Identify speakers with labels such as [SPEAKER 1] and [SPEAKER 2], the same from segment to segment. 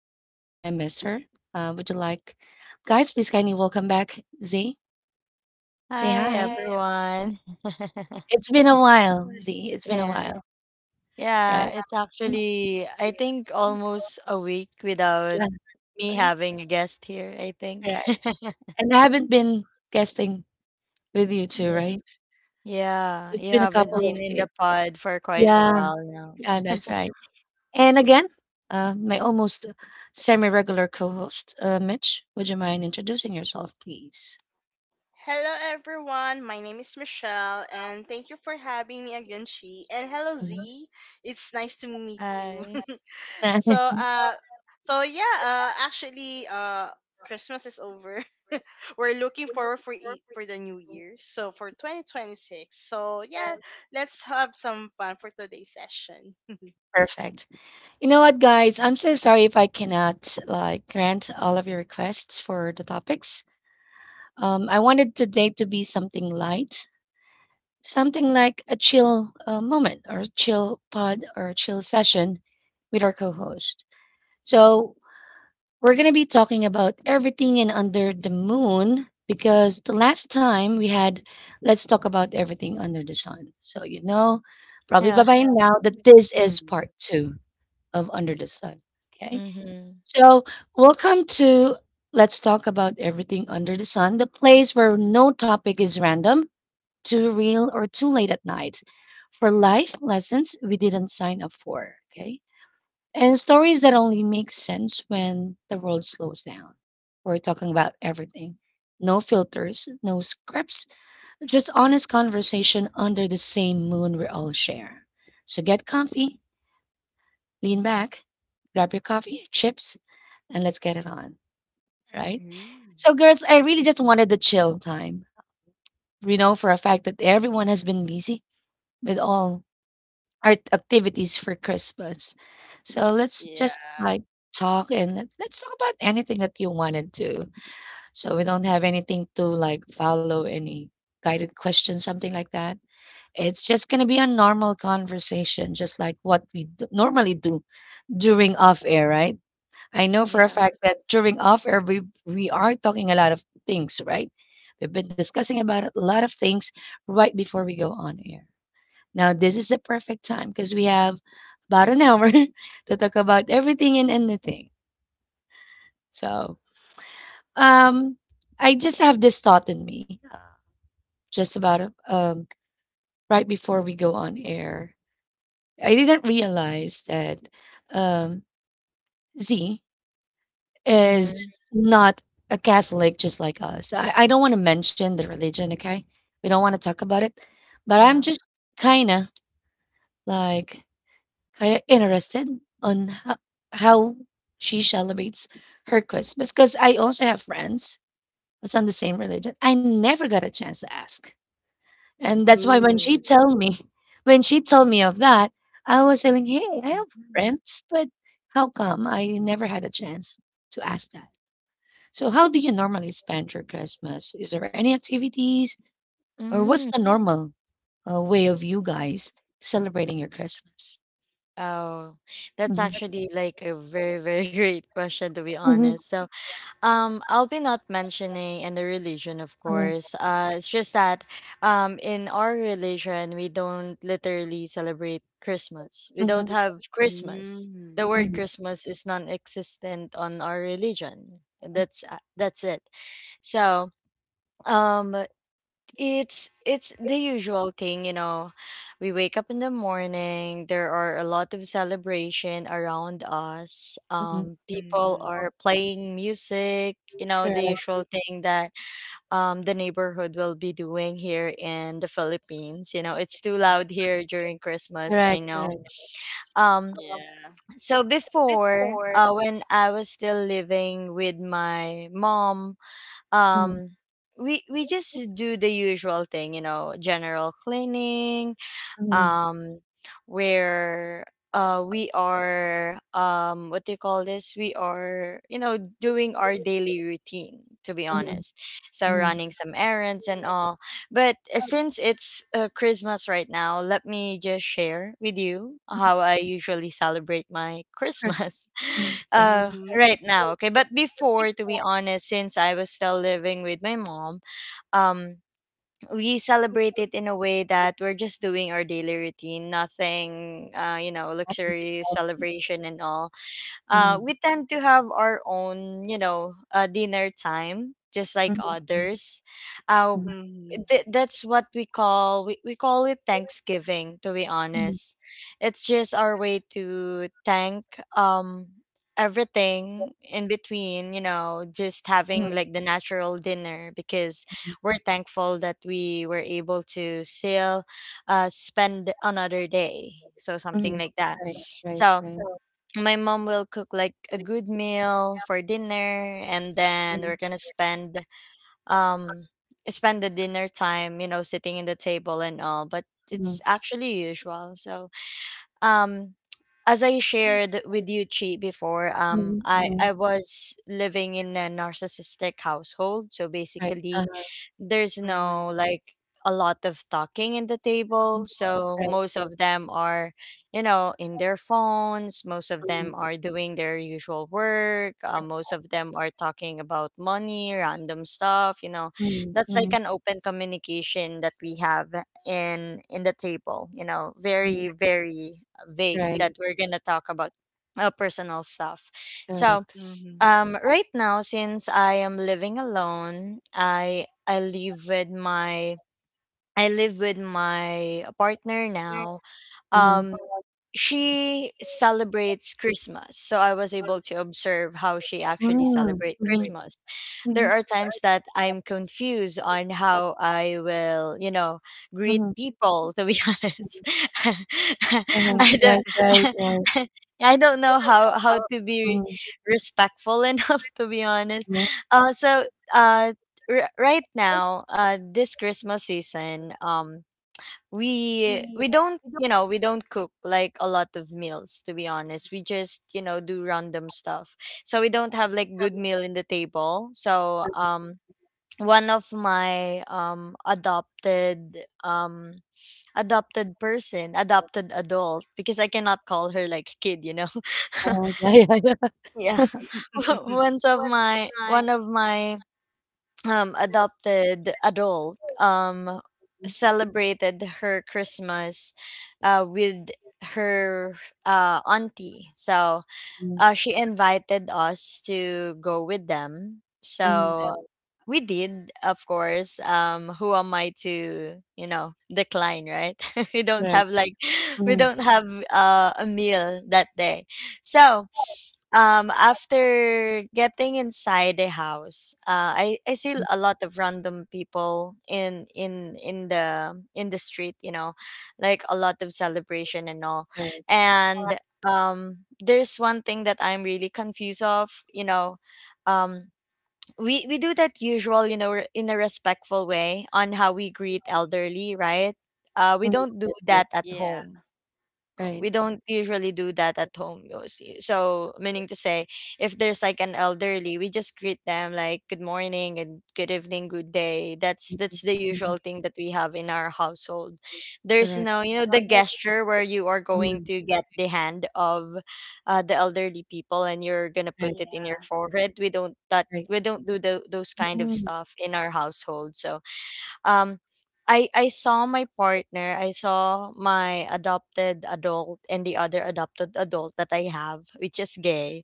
[SPEAKER 1] guest, and I miss her. Would you like, guys, please kindly welcome back Z? Say hi.
[SPEAKER 2] Hi
[SPEAKER 1] Hi,
[SPEAKER 2] everyone.
[SPEAKER 1] it's been a while, Z. It's been a while,
[SPEAKER 2] Yeah.
[SPEAKER 1] right?
[SPEAKER 2] Yeah, it's
[SPEAKER 1] Mhm.
[SPEAKER 2] actually I think almost a week
[SPEAKER 1] Yeah,
[SPEAKER 2] without me
[SPEAKER 1] right.
[SPEAKER 2] having a guest here, I
[SPEAKER 1] Right.
[SPEAKER 2] think.
[SPEAKER 1] And I haven't been guesting with you two, right?
[SPEAKER 2] Yeah.
[SPEAKER 1] It's
[SPEAKER 2] Yeah,
[SPEAKER 1] been
[SPEAKER 2] you
[SPEAKER 1] a couple
[SPEAKER 2] haven't
[SPEAKER 1] of
[SPEAKER 2] been in the
[SPEAKER 1] weeks.
[SPEAKER 2] pod for quite a
[SPEAKER 1] Yeah,
[SPEAKER 2] while now.
[SPEAKER 1] yeah, that's right. And again, my almost semi regular co host, Mitch, would you mind introducing yourself, please?
[SPEAKER 3] Hello, everyone. My name is Michelle, and thank you for having me again, Chi. And hello,
[SPEAKER 1] Mhm.
[SPEAKER 3] Z. It's nice to meet you.
[SPEAKER 2] Hi.
[SPEAKER 3] so, uh, so yeah, uh, actually, uh, Christmas is over. We're looking forward for for the new year. So for 2026. So yeah, let's have some fun for today's session.
[SPEAKER 1] Perfect. You know what, guys? I'm so sorry if I cannot like grant all of your requests for the topics. I wanted today to be something light, something like a chill moment or chill pod or chill session with our co host. So, we're going to be talking about everything and under the moon because the last time we had, let's talk about everything under the sun. So, you know, probably by
[SPEAKER 2] Yeah.
[SPEAKER 1] by now that this is
[SPEAKER 3] Mm.
[SPEAKER 1] part two of Under the Sun. Okay.
[SPEAKER 2] Mm-hmm.
[SPEAKER 1] So, welcome to Let's Talk About Everything Under the Sun, the place where no topic is random, too real, or too late at night for life lessons we didn't sign up for. Okay. And stories that only make sense when the world slows down. We're talking about everything. No filters, no scripts, just honest conversation under the same moon we all share. So get comfy, lean back, grab your coffee, chips, and let's get it on. Right?
[SPEAKER 3] Mm.
[SPEAKER 1] So, girls, I really just wanted the chill time. We know for a fact that everyone has been busy with all art activities for Christmas. So let's just
[SPEAKER 3] Yeah.
[SPEAKER 1] like talk and let's talk about anything that you wanted to. So we don't have anything to like follow any guided questions, something like that. It's just gonna be a normal conversation, just like what we normally do during off air, right? I know for a
[SPEAKER 2] Yeah.
[SPEAKER 1] fact that during off air we are talking a lot of things, right? We've been discussing about a lot of things right before we go on air. Now, this is the perfect time because we have about an hour to talk about everything and anything. So, um, I just have this thought in me just about um, right before we go on air. I didn't realize that um, Z is
[SPEAKER 2] Mm-hmm.
[SPEAKER 1] not a Catholic just like us. I don't want to mention the religion, okay? We don't want to talk about it, but I'm
[SPEAKER 2] Yeah.
[SPEAKER 1] just kind of like, kinda interested on ho how she celebrates her Christmas because I also have friends that's on the same religion. I never got a chance to ask, and that's why
[SPEAKER 2] Ooh.
[SPEAKER 1] when she told me of that, I was saying, "Hey, I have
[SPEAKER 3] Mhm.
[SPEAKER 1] friends, but how come I never had a chance to ask that?" So how do you normally spend your Christmas? Is there any activities, or what's the
[SPEAKER 2] Mm.
[SPEAKER 1] normal, way of you guys celebrating your Christmas?
[SPEAKER 2] Oh, that's
[SPEAKER 1] Mhm,
[SPEAKER 2] actually like a very, very great question, to be honest. I'll be not mentioning any religion, of course. It's just that, in our religion, we don't literally celebrate Christmas. We don't
[SPEAKER 1] mhm,
[SPEAKER 2] have Christmas.
[SPEAKER 3] Mm.
[SPEAKER 2] The word Christmas is non-existent on our religion. That's it. So, um, it's the usual thing, you know. We wake up in the morning, there are a lot of celebration around us. People
[SPEAKER 3] Mhm.
[SPEAKER 2] are playing music, you know, the usual thing that the neighborhood will be doing here in the Philippines. You know, it's too loud here during Christmas, I
[SPEAKER 1] correct, yes,
[SPEAKER 2] know.
[SPEAKER 1] correct.
[SPEAKER 2] Um
[SPEAKER 1] Um,
[SPEAKER 3] Yeah.
[SPEAKER 2] so
[SPEAKER 1] so
[SPEAKER 2] before,
[SPEAKER 1] before
[SPEAKER 2] when I was still living with my mom,
[SPEAKER 1] Mhm,
[SPEAKER 2] um we
[SPEAKER 1] we
[SPEAKER 2] we
[SPEAKER 1] we
[SPEAKER 2] just do the usual thing, you know, general cleaning,
[SPEAKER 1] mhm,
[SPEAKER 2] um where we are what do you call this, we are, you know, doing
[SPEAKER 1] were
[SPEAKER 2] our
[SPEAKER 1] doing
[SPEAKER 2] daily routine, to be
[SPEAKER 1] mhm,
[SPEAKER 2] honest, so
[SPEAKER 1] mhm.
[SPEAKER 2] running some errands and all. But since it's Christmas right now, let me just share with you how I usually celebrate my
[SPEAKER 1] Research,
[SPEAKER 2] Christmas
[SPEAKER 1] mhm, correct.
[SPEAKER 3] Mhm.
[SPEAKER 2] right
[SPEAKER 1] You
[SPEAKER 2] now. Okay, but before, to be
[SPEAKER 1] before,
[SPEAKER 2] honest, since I was still living with my mom, um we celebrate it in a way that we're just doing our daily routine, nothing, you know,
[SPEAKER 1] that was
[SPEAKER 2] luxurious
[SPEAKER 1] fancy.
[SPEAKER 2] celebration and all.
[SPEAKER 1] Mhm,
[SPEAKER 2] We tend to have our own, you know, dinner time, just like
[SPEAKER 1] mhm,
[SPEAKER 2] others. Uh,
[SPEAKER 1] mhm,
[SPEAKER 3] Mhm.
[SPEAKER 2] that's what we call, we call it Thanksgiving. To be
[SPEAKER 1] mhm,
[SPEAKER 2] honest, it's just our way to thank everything in between. You know, just having like the natural dinner because we're thankful that we were able to still spend another day. So
[SPEAKER 1] mhm,
[SPEAKER 2] something like that.
[SPEAKER 1] right,
[SPEAKER 2] So
[SPEAKER 1] right. So
[SPEAKER 2] my mom will cook like a
[SPEAKER 1] right.
[SPEAKER 2] good meal for dinner and then
[SPEAKER 1] Like
[SPEAKER 2] we're gonna spend um spend the dinner time, you know, sitting in the table and all, but it's actually usual. So um as I
[SPEAKER 1] mhm,
[SPEAKER 2] shared with you Chi before, um
[SPEAKER 1] mhm,
[SPEAKER 2] I
[SPEAKER 1] mhm,
[SPEAKER 2] I was living in a narcissistic household. So
[SPEAKER 1] right,
[SPEAKER 2] basically there's no
[SPEAKER 3] Mhm.
[SPEAKER 2] like a lot of talking in the table. So
[SPEAKER 1] right,
[SPEAKER 2] most
[SPEAKER 1] right.
[SPEAKER 2] of them are, you know, in their phones, most of
[SPEAKER 1] Mhm,
[SPEAKER 2] them are doing their usual work, most of them are talking about money, random stuff, you know.
[SPEAKER 1] mhm,
[SPEAKER 2] That's
[SPEAKER 1] mhm,
[SPEAKER 2] like an open communication that we have in the table, you know, very
[SPEAKER 1] mhm,
[SPEAKER 2] very vague
[SPEAKER 1] right,
[SPEAKER 2] that we're gonna talk about personal stuff. So
[SPEAKER 1] correct.
[SPEAKER 3] Mhm.
[SPEAKER 2] right now, since I am living alone, I live with my I live with my partner
[SPEAKER 1] Very
[SPEAKER 2] now. Um,
[SPEAKER 1] unlucky,
[SPEAKER 2] she celebrates
[SPEAKER 1] it's
[SPEAKER 2] Christmas, so I was able to observe how she actually
[SPEAKER 1] mm,
[SPEAKER 2] celebrate
[SPEAKER 1] mhm,
[SPEAKER 2] Christmas.
[SPEAKER 1] mhm,
[SPEAKER 2] There
[SPEAKER 1] mhm,
[SPEAKER 2] are times that I'm confused on how I will, you know, greet people. To be honest,
[SPEAKER 1] mhm.
[SPEAKER 2] I
[SPEAKER 1] Right,
[SPEAKER 2] don't,
[SPEAKER 1] right, right.
[SPEAKER 2] I don't
[SPEAKER 1] I
[SPEAKER 2] know
[SPEAKER 1] don't know
[SPEAKER 2] how
[SPEAKER 1] how.
[SPEAKER 2] to be
[SPEAKER 1] Mm.
[SPEAKER 2] respectful enough. To be honest,
[SPEAKER 1] Yes.
[SPEAKER 2] uh, so uh, right now, this Christmas season, we don't, you know, we don't cook like a lot of meals, to be honest. We just, you know, do random stuff, so we don't have like good meal in the table. So one of my adopted, adopted person adopted adult, because I cannot call her like kid, you know.
[SPEAKER 1] Oh, yeah, yeah, yeah.
[SPEAKER 2] Yeah. One of my adopted adult, celebrated her Christmas with her auntie. So
[SPEAKER 1] Mhm.
[SPEAKER 2] she invited us to go with them.
[SPEAKER 1] Mhm.
[SPEAKER 2] So
[SPEAKER 1] So
[SPEAKER 2] we did, of course. Who am I to, you know, decline, right? we don't
[SPEAKER 1] correct.
[SPEAKER 2] have like, we
[SPEAKER 1] Mhm.
[SPEAKER 2] don't have a meal that day. So, after getting inside the house, I see
[SPEAKER 1] Mhm.
[SPEAKER 2] a lot of random people in the street. You know, like a lot of celebration and all,
[SPEAKER 1] Correct. Yeah.
[SPEAKER 2] and there's one thing that I'm really confused of. You know, um we do that usual, you know, in a respectful way on how we greet elderly, right? We
[SPEAKER 1] Mhm.
[SPEAKER 2] don't do
[SPEAKER 1] Yes, yes.
[SPEAKER 2] that at
[SPEAKER 3] yeah.
[SPEAKER 2] home.
[SPEAKER 1] Right.
[SPEAKER 2] We don't usually do that at home, you see. So, meaning to say, if there's like an elderly, we just greet them like good morning and good evening, good day. That's
[SPEAKER 1] Mhm.
[SPEAKER 2] the usual
[SPEAKER 1] Mhm.
[SPEAKER 2] thing that we have in our household. There's
[SPEAKER 1] Correct.
[SPEAKER 2] no, you know, the gesture where you are going
[SPEAKER 1] Mhm.
[SPEAKER 2] to get the hand of the elderly people and you're gonna
[SPEAKER 1] Right,
[SPEAKER 2] put it in your
[SPEAKER 3] Yeah.
[SPEAKER 2] forehead.
[SPEAKER 1] right.
[SPEAKER 2] We don't do the those kind of
[SPEAKER 1] Mhm.
[SPEAKER 2] stuff in our household. So um I saw my partner, I saw my adopted adult and the other adopted adult that I have, which is gay.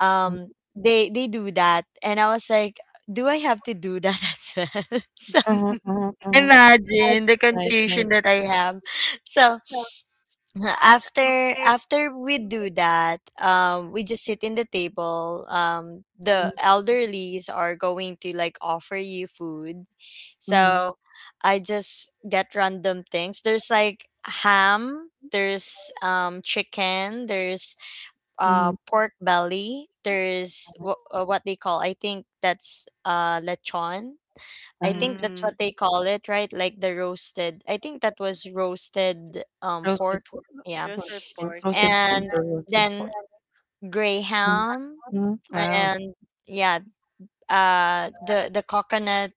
[SPEAKER 2] They do that and I was like, do I have to do that as well? So
[SPEAKER 1] Uh, uh.
[SPEAKER 2] imagine the
[SPEAKER 1] Right,
[SPEAKER 2] confusion
[SPEAKER 1] right.
[SPEAKER 2] that I have. So after we do that, we just sit in the table. The
[SPEAKER 1] Mhm.
[SPEAKER 2] elderlies are going to like offer you food.
[SPEAKER 1] Mhm.
[SPEAKER 2] So I just get random things. There's like ham, there's chicken, there's
[SPEAKER 1] Mhm.
[SPEAKER 2] pork belly, what they call, I think that's lechon. I
[SPEAKER 1] Uh,
[SPEAKER 2] think that's
[SPEAKER 3] mm.
[SPEAKER 2] what they call it, right? Like the roasted. I think that was roasted pork.
[SPEAKER 1] roasted pork.
[SPEAKER 2] Yeah.
[SPEAKER 1] Pork,
[SPEAKER 3] Roasted
[SPEAKER 1] yeah.
[SPEAKER 3] pork. Yeah.
[SPEAKER 1] Roasted pig
[SPEAKER 2] And
[SPEAKER 1] or roasted
[SPEAKER 2] then
[SPEAKER 1] pork.
[SPEAKER 2] grey
[SPEAKER 1] Mhm.
[SPEAKER 2] ham,
[SPEAKER 1] Mhm. Wow.
[SPEAKER 2] and yeah, the coconut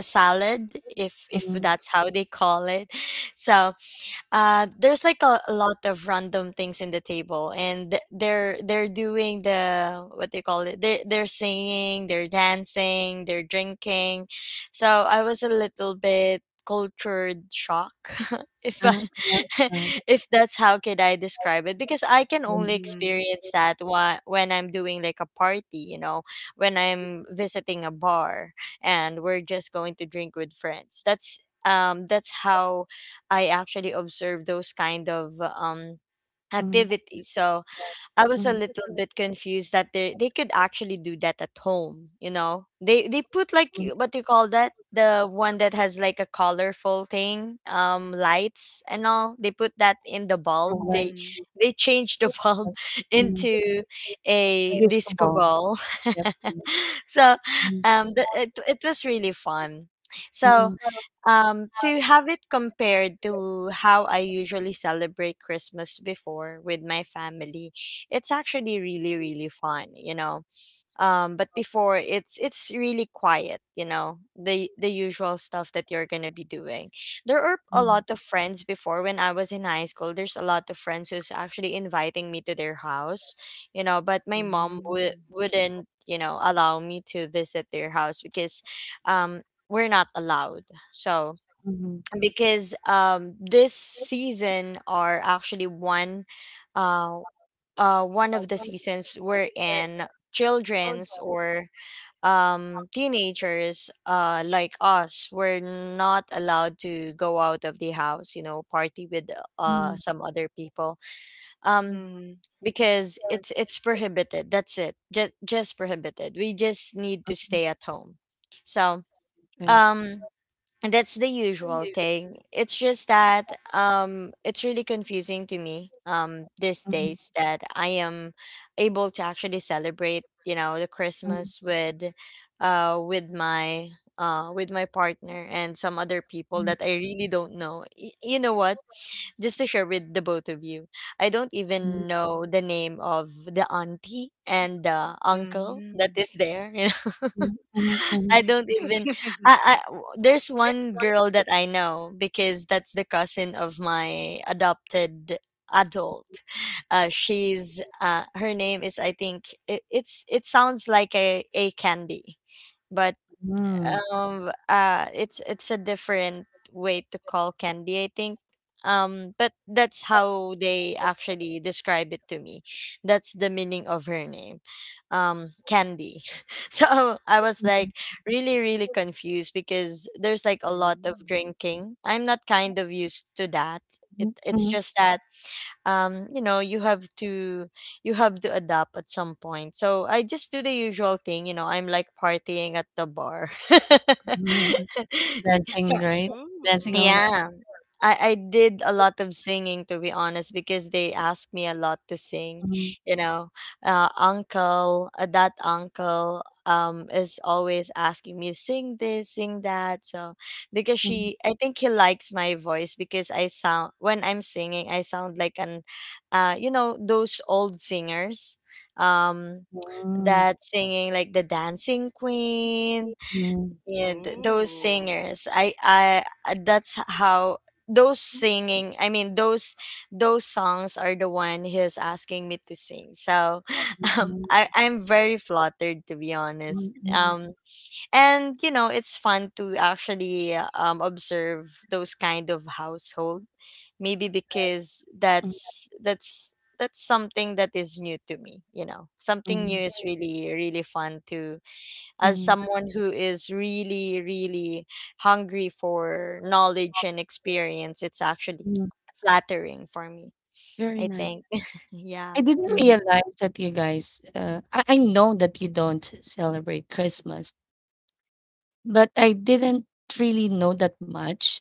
[SPEAKER 2] salad, if
[SPEAKER 1] Mhm.
[SPEAKER 2] that's how they call it. So there's like a lot of random things in the table. And they're doing the what they call it, they're singing, they're dancing, they're drinking. So I was a little bit cultured shock if I,
[SPEAKER 1] Uh, uh, uh.
[SPEAKER 2] if that's how could I describe it, because I can only
[SPEAKER 1] Mhm.
[SPEAKER 3] Mm.
[SPEAKER 2] experience that when I'm doing like a party, you know, when I'm visiting a bar and we're just going to drink with friends. That's that's how I actually observe those kind of
[SPEAKER 1] Mhm.
[SPEAKER 2] activities. So I was a
[SPEAKER 1] Mhm.
[SPEAKER 2] little bit confused that they could actually do that at home, you know. They put like what do you call that? The one that has like a colorful thing, lights and all. They put that in the bulb.
[SPEAKER 1] Mhm.
[SPEAKER 3] Mm.
[SPEAKER 2] They changed the bulb
[SPEAKER 1] Mm,
[SPEAKER 2] into a
[SPEAKER 1] disc
[SPEAKER 2] disco
[SPEAKER 1] ball.
[SPEAKER 2] ball.
[SPEAKER 1] Yep.
[SPEAKER 2] So
[SPEAKER 1] Mm,
[SPEAKER 2] it was really fun. So
[SPEAKER 1] mm,
[SPEAKER 2] to have it compared to how I usually celebrate Christmas before with my family, it's actually really really fun, you know. But before, it's really quiet, you know, the usual stuff that you're gonna be doing. There are a
[SPEAKER 1] mm,
[SPEAKER 2] lot of friends before when I was in high school. There's a lot of friends who's actually inviting me to their house, you know. But my mom would
[SPEAKER 3] Mm.
[SPEAKER 2] wouldn't, you know, allow me to visit their house because um we're not allowed. So because um this season are actually uh one of the seasons we're in, children's or teenagers like us were not allowed to go out of the house, you know, party with
[SPEAKER 1] mm.
[SPEAKER 2] some other people, um
[SPEAKER 3] Mm.
[SPEAKER 2] because it's prohibited. That's it Just prohibited, we just need to stay at home. So
[SPEAKER 1] Right.
[SPEAKER 2] um and that's the
[SPEAKER 1] Mhm,
[SPEAKER 2] usual thing. It's just that it's really confusing to me these
[SPEAKER 1] mhm,
[SPEAKER 2] days that I am able to actually celebrate, you know, the Christmas with with my partner and some other people that I really don't know. You know what? Just to share with the both of you. I don't
[SPEAKER 1] mhm,
[SPEAKER 2] even know the name of the auntie and the uncle that
[SPEAKER 3] Mm.
[SPEAKER 2] is there, you know.
[SPEAKER 1] mhm, mhm, mhm.
[SPEAKER 2] I don't even I There's one girl that I know because that's the cousin of my adopted adult. She's her name is, I think it sounds like a candy, but
[SPEAKER 1] Mm.
[SPEAKER 2] it's a different way to call candy, I think. Um, but that's how they actually describe it to me, that's the meaning of her name, candy. So I was
[SPEAKER 1] Mhm,
[SPEAKER 2] like really really confused, because there's like a lot of
[SPEAKER 3] Mm.
[SPEAKER 2] drinking. I'm not kind of used to that.
[SPEAKER 1] mhm,
[SPEAKER 2] It's just that you know, you have to, you have to adapt at some point. So I just do the usual thing, you know, I'm like partying at the bar.
[SPEAKER 1] mhm, mhm. Dancing,
[SPEAKER 2] Try-
[SPEAKER 1] right? Dancing all
[SPEAKER 3] Ooh.
[SPEAKER 1] night.
[SPEAKER 2] yeah. I did a lot of singing, to be honest, because they asked me a lot to sing,
[SPEAKER 1] Mm,
[SPEAKER 2] you know. Uncle, that uncle is always asking me sing this, sing that. So because
[SPEAKER 1] mm,
[SPEAKER 2] she I think he likes my voice, because I sound, when I'm singing I sound like an, you know, those old singers, um
[SPEAKER 1] mm,
[SPEAKER 2] that singing like the Dancing Queen.
[SPEAKER 1] mm,
[SPEAKER 2] And those
[SPEAKER 3] Ooh.
[SPEAKER 2] singers, I that's how those
[SPEAKER 1] mm,
[SPEAKER 2] singing I mean those songs are the one he's asking me to sing. So
[SPEAKER 1] mm,
[SPEAKER 2] I'm very flattered, to be honest.
[SPEAKER 1] mm,
[SPEAKER 2] And you know, it's fun to actually observe those kind of household. Maybe because
[SPEAKER 1] mm,
[SPEAKER 2] that's something that is new to me, you know. Something new
[SPEAKER 1] mm,
[SPEAKER 2] is really really fun to, as
[SPEAKER 1] mm,
[SPEAKER 2] someone who is really really hungry for knowledge and experience, it's actually
[SPEAKER 1] mm.
[SPEAKER 2] flattering for me,
[SPEAKER 1] Very
[SPEAKER 2] I
[SPEAKER 1] nice.
[SPEAKER 2] think. Yeah.
[SPEAKER 1] I didn't
[SPEAKER 2] Mhm.
[SPEAKER 1] realize that you guys, uh, I know that you don't celebrate Christmas, but I didn't really know that much.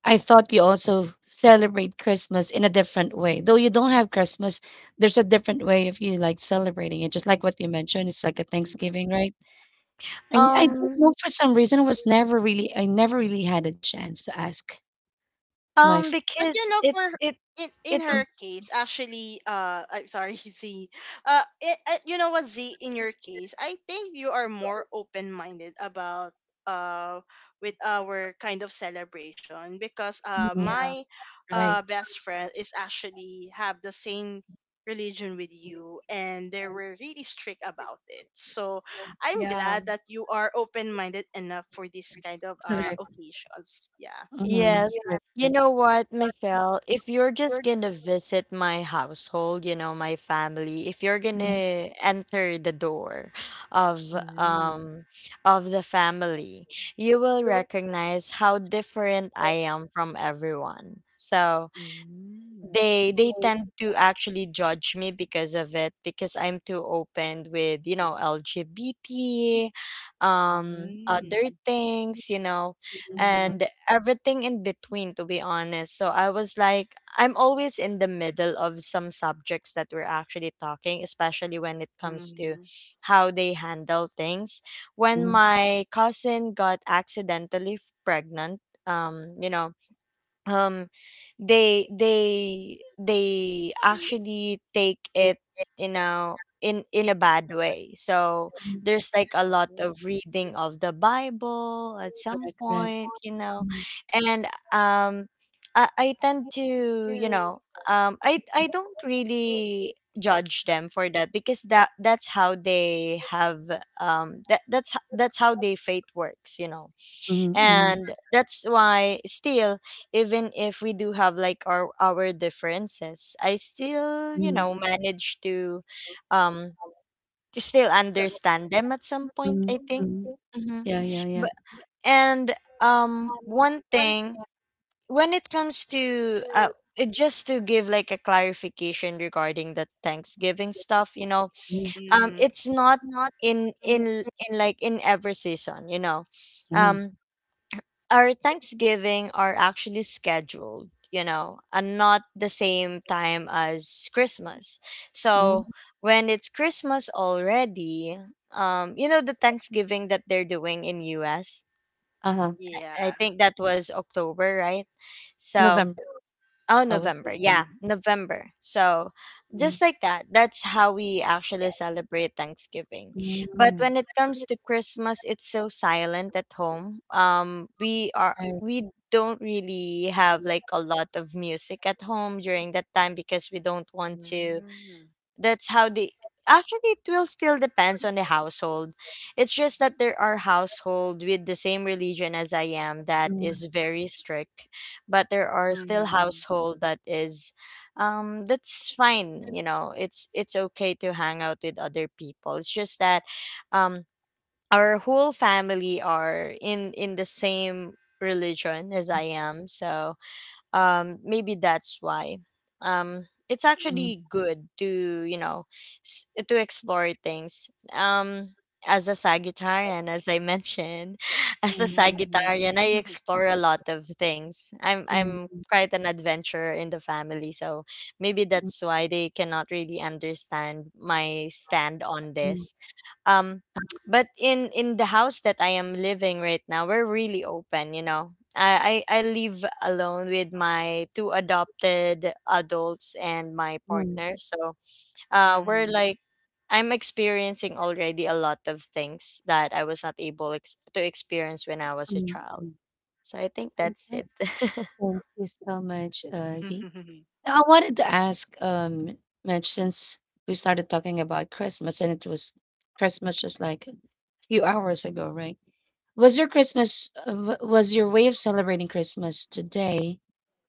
[SPEAKER 1] I thought you also celebrate Christmas in a different way. Though you don't have Christmas, there's a different way of you like celebrating it. Just like what you mentioned, it's like a
[SPEAKER 3] Mm.
[SPEAKER 1] Thanksgiving, right? And
[SPEAKER 3] Yeah.
[SPEAKER 1] I don't
[SPEAKER 2] um
[SPEAKER 1] know for some reason I never really had a chance to ask my friends,
[SPEAKER 3] But you
[SPEAKER 2] because
[SPEAKER 3] know, for her- In
[SPEAKER 2] it w-
[SPEAKER 3] her case, actually, I'm sorry, Z. You know what, Z? In your case, I think you are more open minded about uh with our kind of celebration because
[SPEAKER 2] yeah,
[SPEAKER 3] my
[SPEAKER 1] right?
[SPEAKER 3] best friend is actually have the same religion with you and they were really strict about it, so I'm
[SPEAKER 2] yeah.
[SPEAKER 3] glad that you are open-minded enough for this kind of
[SPEAKER 1] Correct.
[SPEAKER 3] occasions, yeah.
[SPEAKER 2] Yes. You know what, Michelle? If you're just gonna visit my household, you know, my family, if you're gonna enter the door of,
[SPEAKER 3] Mm.
[SPEAKER 2] um of the family, you will recognize how different I am from everyone. So
[SPEAKER 3] Mm.
[SPEAKER 2] they tend to actually judge me because of it, because I'm too open with, you know,
[SPEAKER 1] Mhm.
[SPEAKER 2] LGBT, other
[SPEAKER 3] Mm.
[SPEAKER 1] Yes,
[SPEAKER 2] things, you know,
[SPEAKER 1] we
[SPEAKER 2] and
[SPEAKER 3] Mhm.
[SPEAKER 2] everything in between, to be honest. So I was like, I'm always in the middle of some subjects that we're actually talking, especially when it comes to
[SPEAKER 3] Mhm.
[SPEAKER 2] how they handle things. When
[SPEAKER 1] want to
[SPEAKER 2] my cousin got accidentally pregnant, you know, um they actually take it, you know,
[SPEAKER 1] it.
[SPEAKER 2] in a bad way. So
[SPEAKER 1] Mm.
[SPEAKER 2] there's like a lot
[SPEAKER 3] Oh.
[SPEAKER 2] of reading of the Bible at some
[SPEAKER 1] Correct, correct.
[SPEAKER 2] point, you know.
[SPEAKER 1] Mm.
[SPEAKER 2] And um I
[SPEAKER 1] I
[SPEAKER 2] tend
[SPEAKER 1] don't
[SPEAKER 2] to, you
[SPEAKER 1] do,
[SPEAKER 2] know, um
[SPEAKER 1] you
[SPEAKER 2] i
[SPEAKER 1] know,
[SPEAKER 2] i
[SPEAKER 1] I
[SPEAKER 2] don't
[SPEAKER 1] don't
[SPEAKER 2] really
[SPEAKER 1] really.
[SPEAKER 2] judge them for that, because that's how they have, that's how their faith works, you know.
[SPEAKER 1] Mm, mm,
[SPEAKER 2] And that's why, still, even if we do have like our differences, I still, you
[SPEAKER 1] mm.
[SPEAKER 2] know, manage to, um to still understand them at some point,
[SPEAKER 1] Mm,
[SPEAKER 2] I think.
[SPEAKER 1] mm.
[SPEAKER 2] Mm-hmm.
[SPEAKER 1] Yeah, yeah, yeah.
[SPEAKER 2] But and,
[SPEAKER 1] Um,
[SPEAKER 2] one
[SPEAKER 1] one
[SPEAKER 2] thing
[SPEAKER 1] thing
[SPEAKER 2] when it comes to uh,
[SPEAKER 1] to
[SPEAKER 2] just to give like a clarification regarding the Thanksgiving stuff, you know.
[SPEAKER 1] yes.
[SPEAKER 3] Mhm.
[SPEAKER 2] It's
[SPEAKER 1] It's
[SPEAKER 2] not
[SPEAKER 1] not
[SPEAKER 2] in
[SPEAKER 1] in
[SPEAKER 2] in
[SPEAKER 1] in
[SPEAKER 2] in, like, in every season, you know. um our Thanksgiving are actually scheduled, you know, and not the same time as Christmas. So when it's Christmas already, you know, the Thanksgiving that they're doing in US.
[SPEAKER 1] uh-huh.
[SPEAKER 3] Yeah.
[SPEAKER 2] I think that was October, right? So,
[SPEAKER 1] November.
[SPEAKER 2] oh,
[SPEAKER 1] I was
[SPEAKER 2] November.
[SPEAKER 1] alone.
[SPEAKER 2] Yeah, November. So,
[SPEAKER 1] Mm.
[SPEAKER 2] just like that, that's how we actually
[SPEAKER 1] Yes.
[SPEAKER 2] celebrate Thanksgiving.
[SPEAKER 1] Mm. But when it
[SPEAKER 2] But
[SPEAKER 1] comes
[SPEAKER 2] when it
[SPEAKER 1] to
[SPEAKER 2] comes to
[SPEAKER 1] messages
[SPEAKER 2] Christmas, it's so silent
[SPEAKER 1] from
[SPEAKER 2] at home.
[SPEAKER 1] family,
[SPEAKER 2] We don't really
[SPEAKER 1] mm,
[SPEAKER 2] have like a
[SPEAKER 1] experience
[SPEAKER 2] lot of music at home during that time, because we don't want to,
[SPEAKER 3] Mhm.
[SPEAKER 2] that's how the, actually it will still depends on the household. It's just that there are household with the same religion as I am that is very strict, but there are still
[SPEAKER 3] Mhm.
[SPEAKER 2] household that is, that's fine. You know, it's okay to hang out with other people. It's just that, um our whole family are in the same religion as I am. So maybe that's why, it's actually good to, you know, to explore things. As a
[SPEAKER 1] is how we
[SPEAKER 2] Sagittarian, as I mentioned,
[SPEAKER 1] shape.
[SPEAKER 2] as a
[SPEAKER 1] Mm.
[SPEAKER 3] Mhm.
[SPEAKER 2] Sagittarian, I explore a lot of things. i'm
[SPEAKER 1] Mm,
[SPEAKER 2] i'm
[SPEAKER 1] us.
[SPEAKER 2] quite an adventurer in the family. So maybe
[SPEAKER 1] Mm,
[SPEAKER 2] that's why they cannot really understand my stand on this. um but in the house that I am living right now, we're really open, you know. I I live alone with my two adopted adults and my
[SPEAKER 1] mm, mm,
[SPEAKER 2] partner. So we're
[SPEAKER 3] Mhm.
[SPEAKER 2] like, I'm experiencing already a lot of things that I was not able to experience when I was a
[SPEAKER 1] mm,
[SPEAKER 2] child.
[SPEAKER 1] mm.
[SPEAKER 2] So I think that's
[SPEAKER 1] Okay.
[SPEAKER 2] it.
[SPEAKER 1] Thank you so much, Zee. Now, I wanted to ask, Mitch, since we started talking about Christmas and it was Christmas just like a few hours ago, right? Was your Christmas, was your way of celebrating Christmas today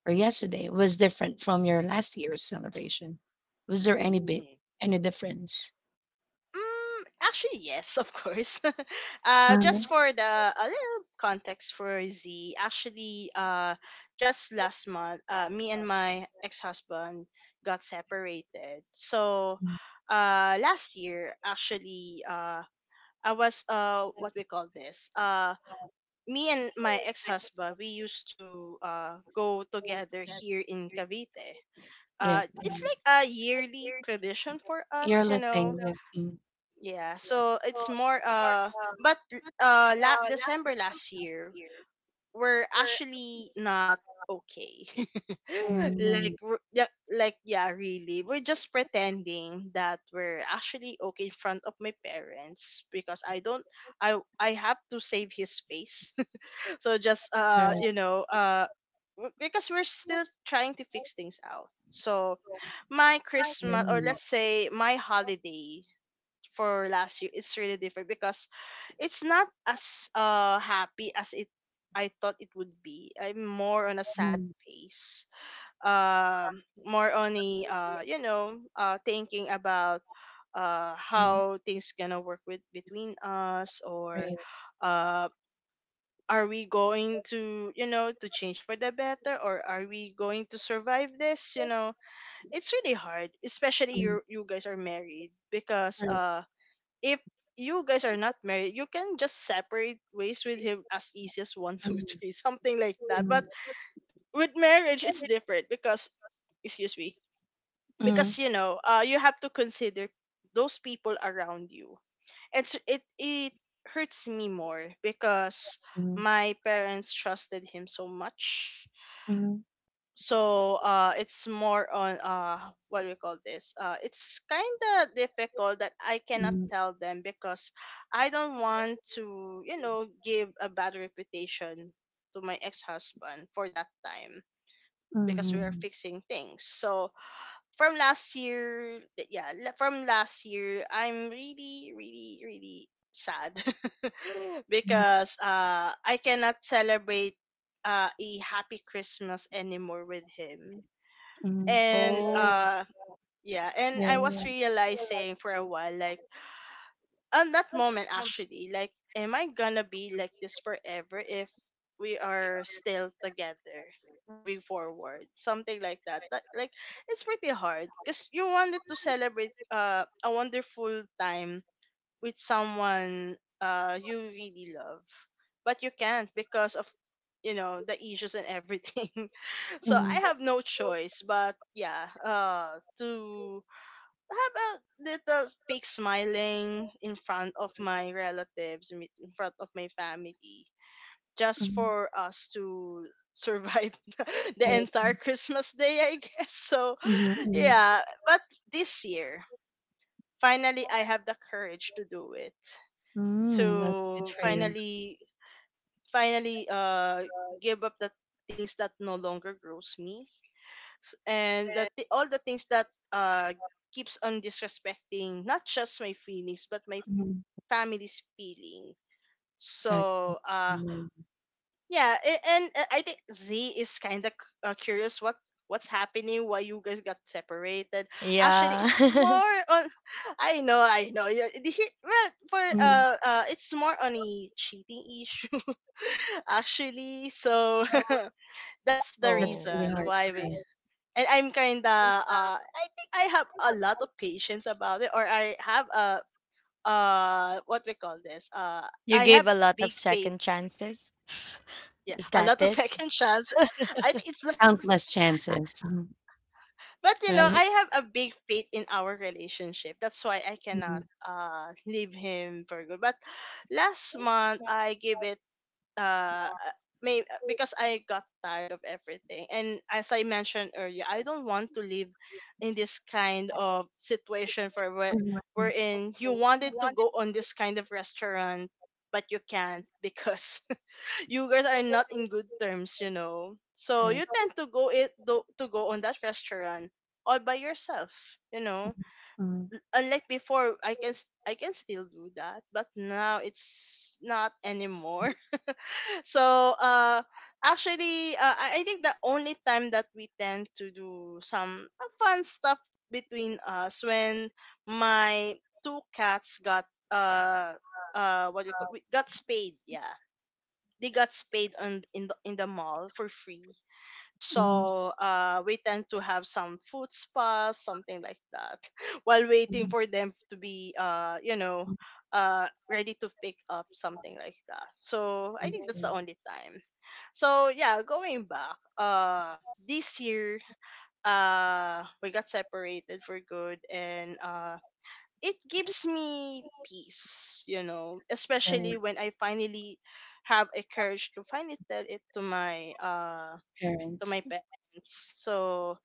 [SPEAKER 1] or yesterday was different from your last year's celebration? Was there any bit
[SPEAKER 3] Mm.
[SPEAKER 1] any difference?
[SPEAKER 3] Mm, actually, yes, of course. Uh,
[SPEAKER 1] Uh,
[SPEAKER 3] just for the a little context for Z, actually, just last month, me and my ex-husband got separated. So, last year, actually, I was what we call this me and my ex husband we used to go together here in Cavite.
[SPEAKER 1] Yeah,
[SPEAKER 3] It's
[SPEAKER 1] mm,
[SPEAKER 3] like a yearly tradition for us, you
[SPEAKER 1] yearly
[SPEAKER 3] know.
[SPEAKER 1] thing. Yeah, mm,
[SPEAKER 3] Yeah, so it's more but December last year were actually not okay.
[SPEAKER 1] mm,
[SPEAKER 3] Really. We're just pretending that we're actually okay in front of my parents because I don't I have to save his face. so just
[SPEAKER 1] right.
[SPEAKER 3] you know w- because we're still trying to fix things out. So my Christmas, or
[SPEAKER 1] Mm,
[SPEAKER 3] let's say my holiday for last year, it's really different because it's not as happy as it I thought it would be. I'm more on a sad face. Um, more on a thinking about how things gonna work with between us, or
[SPEAKER 1] right.
[SPEAKER 3] uh are we going to, you know, to change for the better, or are we going to survive this, you know. It's really hard, especially you guys are married because if you guys are not married, you can just separate ways with him as easy as one, two, three, something like that. But with marriage, it's different because, excuse me, because,
[SPEAKER 1] Mm,
[SPEAKER 3] you know, you have to consider those people around you. And so it hurts me more because
[SPEAKER 1] mm,
[SPEAKER 3] my parents trusted him so much.
[SPEAKER 1] mm,
[SPEAKER 3] So it's more on what do we call this it's kind of difficult that I cannot
[SPEAKER 1] mm,
[SPEAKER 3] tell them because I don't want to, you know, give a bad reputation to my ex-husband for that time because we are
[SPEAKER 1] mm,
[SPEAKER 3] fixing things. So from last year, from last year, I'm really, really, really sad because I cannot celebrate a happy Christmas anymore with him.
[SPEAKER 1] mm,
[SPEAKER 3] And
[SPEAKER 2] Oh,
[SPEAKER 3] yeah, and I was
[SPEAKER 1] yeah.
[SPEAKER 3] realizing for a while, like, on that moment, actually, like, am I gonna be like this forever if we are still together moving forward, something like that? That, like, it's pretty hard because you wanted to celebrate a wonderful time with someone you really love, but you can't because of, you know, the issues and everything. So I have no choice. But yeah, to have a little fake smiling in front of my relatives, in front of my family,
[SPEAKER 1] Yeah,
[SPEAKER 3] just
[SPEAKER 1] mm,
[SPEAKER 3] for us to survive the
[SPEAKER 1] right.
[SPEAKER 3] entire Christmas day, I guess. So
[SPEAKER 1] Mhm, mhm.
[SPEAKER 3] yeah, but this year, finally, I have the courage to do it.
[SPEAKER 1] Mm, that's good
[SPEAKER 3] To
[SPEAKER 1] for you.
[SPEAKER 3] finally, finally, give up the things that no longer grows me. S- and that all the things that uh keeps on disrespecting not just my feelings but my
[SPEAKER 1] Mhm,
[SPEAKER 3] family's feeling.
[SPEAKER 1] okay.
[SPEAKER 3] So
[SPEAKER 1] Mm,
[SPEAKER 3] yeah, and, I think Z is kind of curious what what's happening, why you guys got separated. Actually,
[SPEAKER 2] yeah.
[SPEAKER 3] it's more on, I know, I know, yeah, well, for
[SPEAKER 1] mm,
[SPEAKER 3] it's more on a cheating issue, actually, so that's the
[SPEAKER 1] that's
[SPEAKER 2] Oh,
[SPEAKER 1] really
[SPEAKER 3] reason
[SPEAKER 1] hard
[SPEAKER 3] why
[SPEAKER 1] for
[SPEAKER 3] we.
[SPEAKER 1] her.
[SPEAKER 3] And I'm kinda I think I have a lot of patience about it, or I have a what we call this
[SPEAKER 2] you
[SPEAKER 3] I have
[SPEAKER 2] gave a lot
[SPEAKER 3] big
[SPEAKER 2] of
[SPEAKER 3] faith,
[SPEAKER 2] second chances.
[SPEAKER 3] yeah,
[SPEAKER 2] Is
[SPEAKER 3] a
[SPEAKER 2] that
[SPEAKER 3] lot of
[SPEAKER 2] it?
[SPEAKER 3] second chance. I think it's the-
[SPEAKER 1] Countless chances, mhm,
[SPEAKER 3] but, you know,
[SPEAKER 1] right?
[SPEAKER 3] I have a big faith in our relationship, that's why I
[SPEAKER 1] Mhm,
[SPEAKER 3] cannot leave him for good. But last month I gave it uh uh, may because I got tired of everything. And as I mentioned earlier, I don't want to live in this kind of situation for
[SPEAKER 1] mhm,
[SPEAKER 3] wherein you wanted to go on this kind of restaurant but you can't because you guys are not in good terms, you know. So you
[SPEAKER 1] right.
[SPEAKER 3] tend to to go on that restaurant all by yourself, you know.
[SPEAKER 1] Mm,
[SPEAKER 3] Unlike before, I can still do that, but now it's not anymore. So actually, I think the only time that we tend to do some, fun stuff between us, when my two cats got uh what do you call we got spayed, yeah, they got spayed on in the mall for free.
[SPEAKER 1] mhm,
[SPEAKER 3] So we tend to have some food spas, something like that, while waiting
[SPEAKER 1] mhm,
[SPEAKER 3] for them to be, you know, ready to pick up, something like that. So
[SPEAKER 1] so,
[SPEAKER 3] I think that's the
[SPEAKER 1] right.
[SPEAKER 3] only time. So yeah, going back, this year, we got separated for good, and it gives me peace, you know,
[SPEAKER 1] Especially
[SPEAKER 3] especially when I finally have a courage to finally tell it to
[SPEAKER 1] parents.
[SPEAKER 3] my parents. So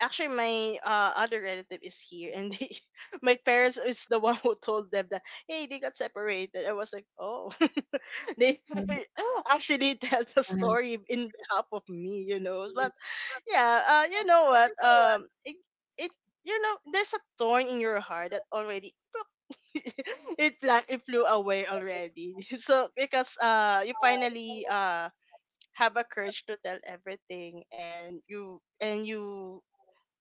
[SPEAKER 3] actually, my other relative is here, and they, my parents is the one who told them that, hey, they got separated. I was like, oh, they
[SPEAKER 1] Mhm,
[SPEAKER 3] actually tell the
[SPEAKER 1] um,
[SPEAKER 3] story in behalf of me, you know. But yeah, you know what? It, it you know, there's a thorn in your heart that already. It flew away already so because you finally have a courage to tell everything, and you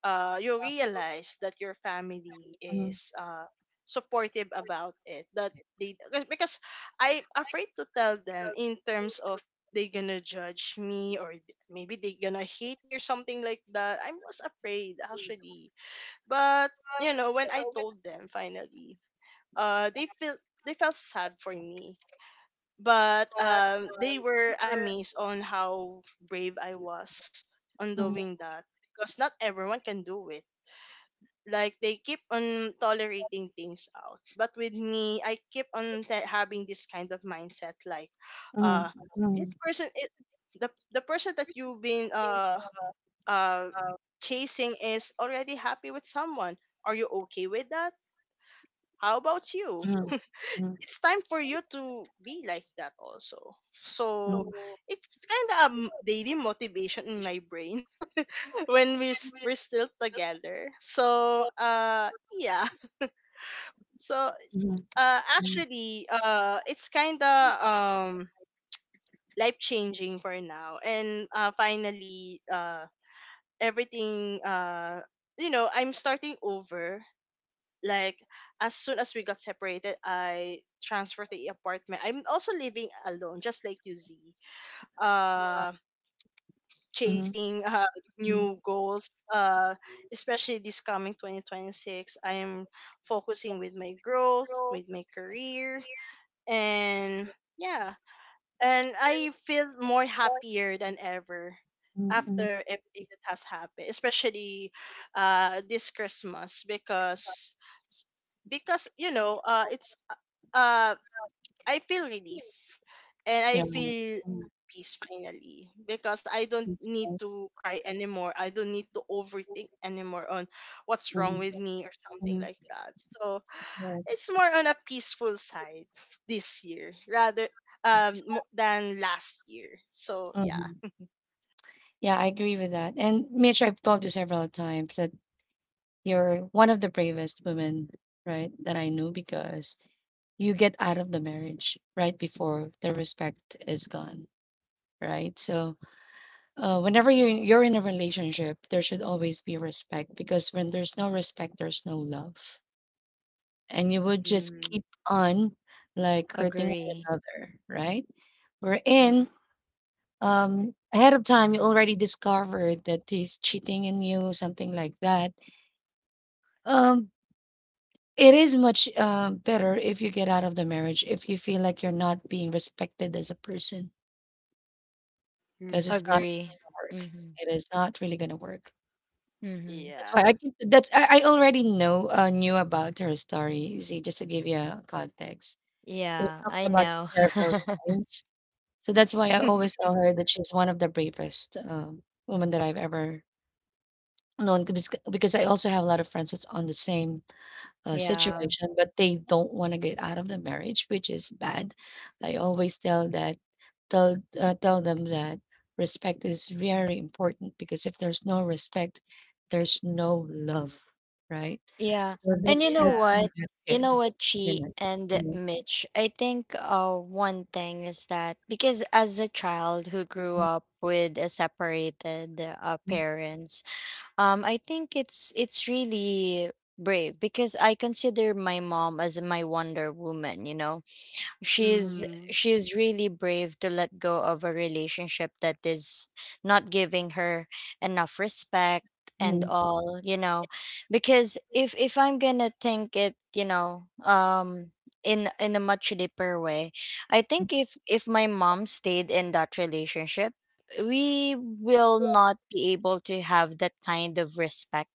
[SPEAKER 3] you realize that your family is supportive about it, that they because I'm afraid to tell them in terms of they gonna judge me, or maybe they gonna hate me or something like that. I was afraid, actually. But, you know, when I told them finally, uh they felt they felt sad for me. But, they were amazed on how brave I was on
[SPEAKER 1] mhm,
[SPEAKER 3] doing that because not everyone can do it. Like, they keep on tolerating things out, but with me, I keep on having this kind of mindset. Like, uh,
[SPEAKER 1] mhm,
[SPEAKER 3] this person, the person that you've been uh chasing is already happy with someone. Are you okay with that? How about you?
[SPEAKER 1] mhm, mhm,
[SPEAKER 3] It's time for you to be like that also. So it's kind of a daily motivation in my brain when we we're still together. So yeah. So
[SPEAKER 1] mhm, mhm,
[SPEAKER 3] actually it's kind of life changing for now, and finally everything, you know, I'm starting over, like, as soon as we got separated I transferred to the apartment. I'm also living alone just like you, Z. Uh,
[SPEAKER 1] mhm,
[SPEAKER 3] chasing,
[SPEAKER 1] mhm,
[SPEAKER 3] new goals, uh, especially this coming 2026. I am focusing with my growth, with my career, and yeah, and I feel more happier than ever
[SPEAKER 1] mhm, mhm.
[SPEAKER 3] after everything that has happened, especially this Christmas because you know, it's uh I feel relief and I
[SPEAKER 1] Yeah.
[SPEAKER 3] feel peace finally because I don't need to cry anymore. I don't need to overthink anymore on what's wrong with
[SPEAKER 1] Mhm,
[SPEAKER 3] me or something like that. So it's more on a peaceful side this year rather than last year. So yeah.
[SPEAKER 1] mhm. Yeah, I agree with that. And Mitch, I've told you several times that you're one of the bravest women, right, that I knew because you get out of the marriage right before the respect is gone, right? So whenever you're in a relationship, there should always be respect because when there's no respect, there's no love, and you would just
[SPEAKER 3] Mm-hmm.
[SPEAKER 1] keep on like hurting one
[SPEAKER 2] Agree.
[SPEAKER 1] another, right? We in ahead of time. You already discovered that he's cheating in you, something like that. Um, it is much better if you get out of the marriage if you feel like you're not being respected as a person because it's not really
[SPEAKER 2] Agree.
[SPEAKER 1] gonna work.
[SPEAKER 2] Mhm.
[SPEAKER 1] It is not really gonna work.
[SPEAKER 2] Mhm.
[SPEAKER 1] That's why I
[SPEAKER 3] Yeah.
[SPEAKER 1] keep that's, I already know knew about her story. See, just to give you a context, we've
[SPEAKER 2] Yeah,
[SPEAKER 1] talked
[SPEAKER 2] I
[SPEAKER 1] about it
[SPEAKER 2] know.
[SPEAKER 1] several times, so that's why I always tell her that she's one of the bravest women that I've ever known. Because I also have a lot of friends that's on the same
[SPEAKER 2] Yeah.
[SPEAKER 1] situation, but they don't want to get out of the marriage, which is bad. I always tell that tell tell them that respect is very important because if there's no respect, there's no love, right?
[SPEAKER 2] Yeah.
[SPEAKER 1] So
[SPEAKER 2] And you know
[SPEAKER 1] that's
[SPEAKER 3] yeah.
[SPEAKER 1] really
[SPEAKER 2] what?
[SPEAKER 1] not
[SPEAKER 2] You
[SPEAKER 1] good.
[SPEAKER 2] know what,
[SPEAKER 1] That's really
[SPEAKER 2] Chi
[SPEAKER 1] not
[SPEAKER 2] and
[SPEAKER 1] good.
[SPEAKER 2] Mitch, I think one thing is that, because as a child who grew up with a separated parents, I think it's really brave, because I consider my mom as my Wonder Woman, you know. she's
[SPEAKER 3] Mm-hmm.
[SPEAKER 2] she's really brave to let go of a relationship that is not giving her enough respect and
[SPEAKER 1] Mhm.
[SPEAKER 2] all, you know. Because if I'm gonna think it, you know, in a much deeper way, I think if my mom stayed in that relationship, we will not be able to have that kind of respect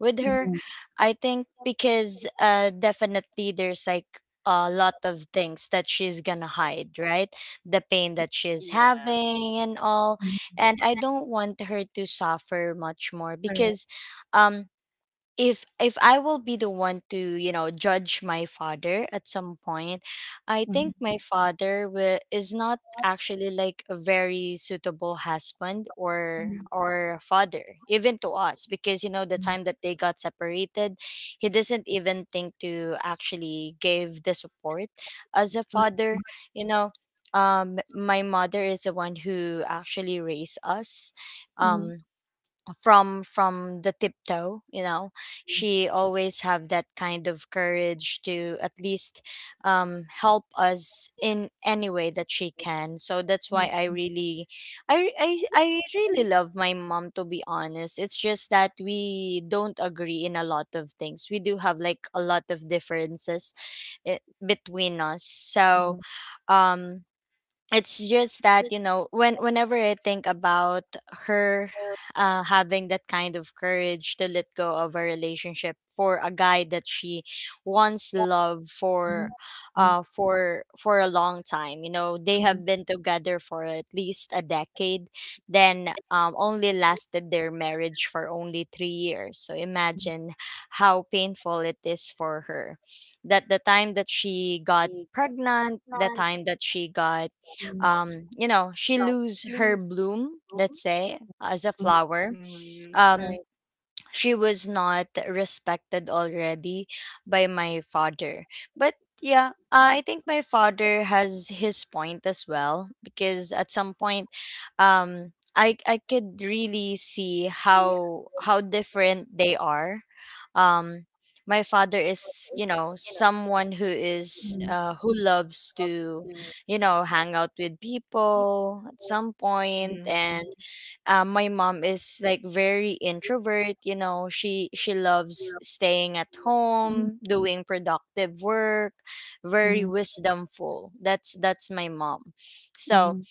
[SPEAKER 2] with
[SPEAKER 1] Mhm,
[SPEAKER 2] her,
[SPEAKER 1] mhm,
[SPEAKER 2] I think, because uh, definitely there's like a lot of things that she's gonna hide, right? The pain that she's
[SPEAKER 3] Yeah.
[SPEAKER 2] having and all.
[SPEAKER 1] mhm.
[SPEAKER 2] And I don't want her to suffer much more.
[SPEAKER 1] Correct.
[SPEAKER 2] Because um if I will be the one to, you know, judge my father at some point, I think
[SPEAKER 1] Mhm,
[SPEAKER 2] my father will, is not actually like a very suitable husband
[SPEAKER 1] mhm,
[SPEAKER 2] or father even to us. Because you know, the
[SPEAKER 1] mhm,
[SPEAKER 2] time that they got separated, he doesn't even think to actually give the support as a
[SPEAKER 1] mhm,
[SPEAKER 2] father, you know. My mother is the one who actually raised us.
[SPEAKER 1] mhm, mhm,
[SPEAKER 2] Um, from the tiptoe, you know, she always have that kind of courage to at least, help us in any way that she can. So that's
[SPEAKER 1] mhm,
[SPEAKER 2] why I really, I, re- I really love my mom, to be honest. It's just that we don't agree in a lot of things. We do have like a lot of differences, eh, between us.
[SPEAKER 1] mhm, mhm, mhm,
[SPEAKER 2] So
[SPEAKER 1] mhm.
[SPEAKER 2] um it's just that, you know, when whenever I think about her, having that kind of courage to let go of a relationship for a guy that she once loved
[SPEAKER 1] Mhm.
[SPEAKER 2] for,
[SPEAKER 1] Mhm,
[SPEAKER 2] for a long time, you know, they have
[SPEAKER 1] mhm,
[SPEAKER 2] been together for at least a decade, then only lasted their marriage for only 3 years. So imagine how painful it is for her, that the time that she got pregnant, the time that she got, you know, she lose her bloom, let's say, as a flower,
[SPEAKER 3] Mm-hmm.
[SPEAKER 2] um she was not respected already by my father. But yeah, I think my father has his point as well, because at some point, I could really see how different they are. Um, my father is, you know, someone who is who loves to, you know, hang out with people at some point. And
[SPEAKER 3] Mm-hmm.
[SPEAKER 2] my mom is like very introvert, you know. She loves staying at home doing productive work.
[SPEAKER 1] mhm,
[SPEAKER 2] Very
[SPEAKER 1] mhm,
[SPEAKER 2] wisdomful, that's my mom. So
[SPEAKER 1] mhm,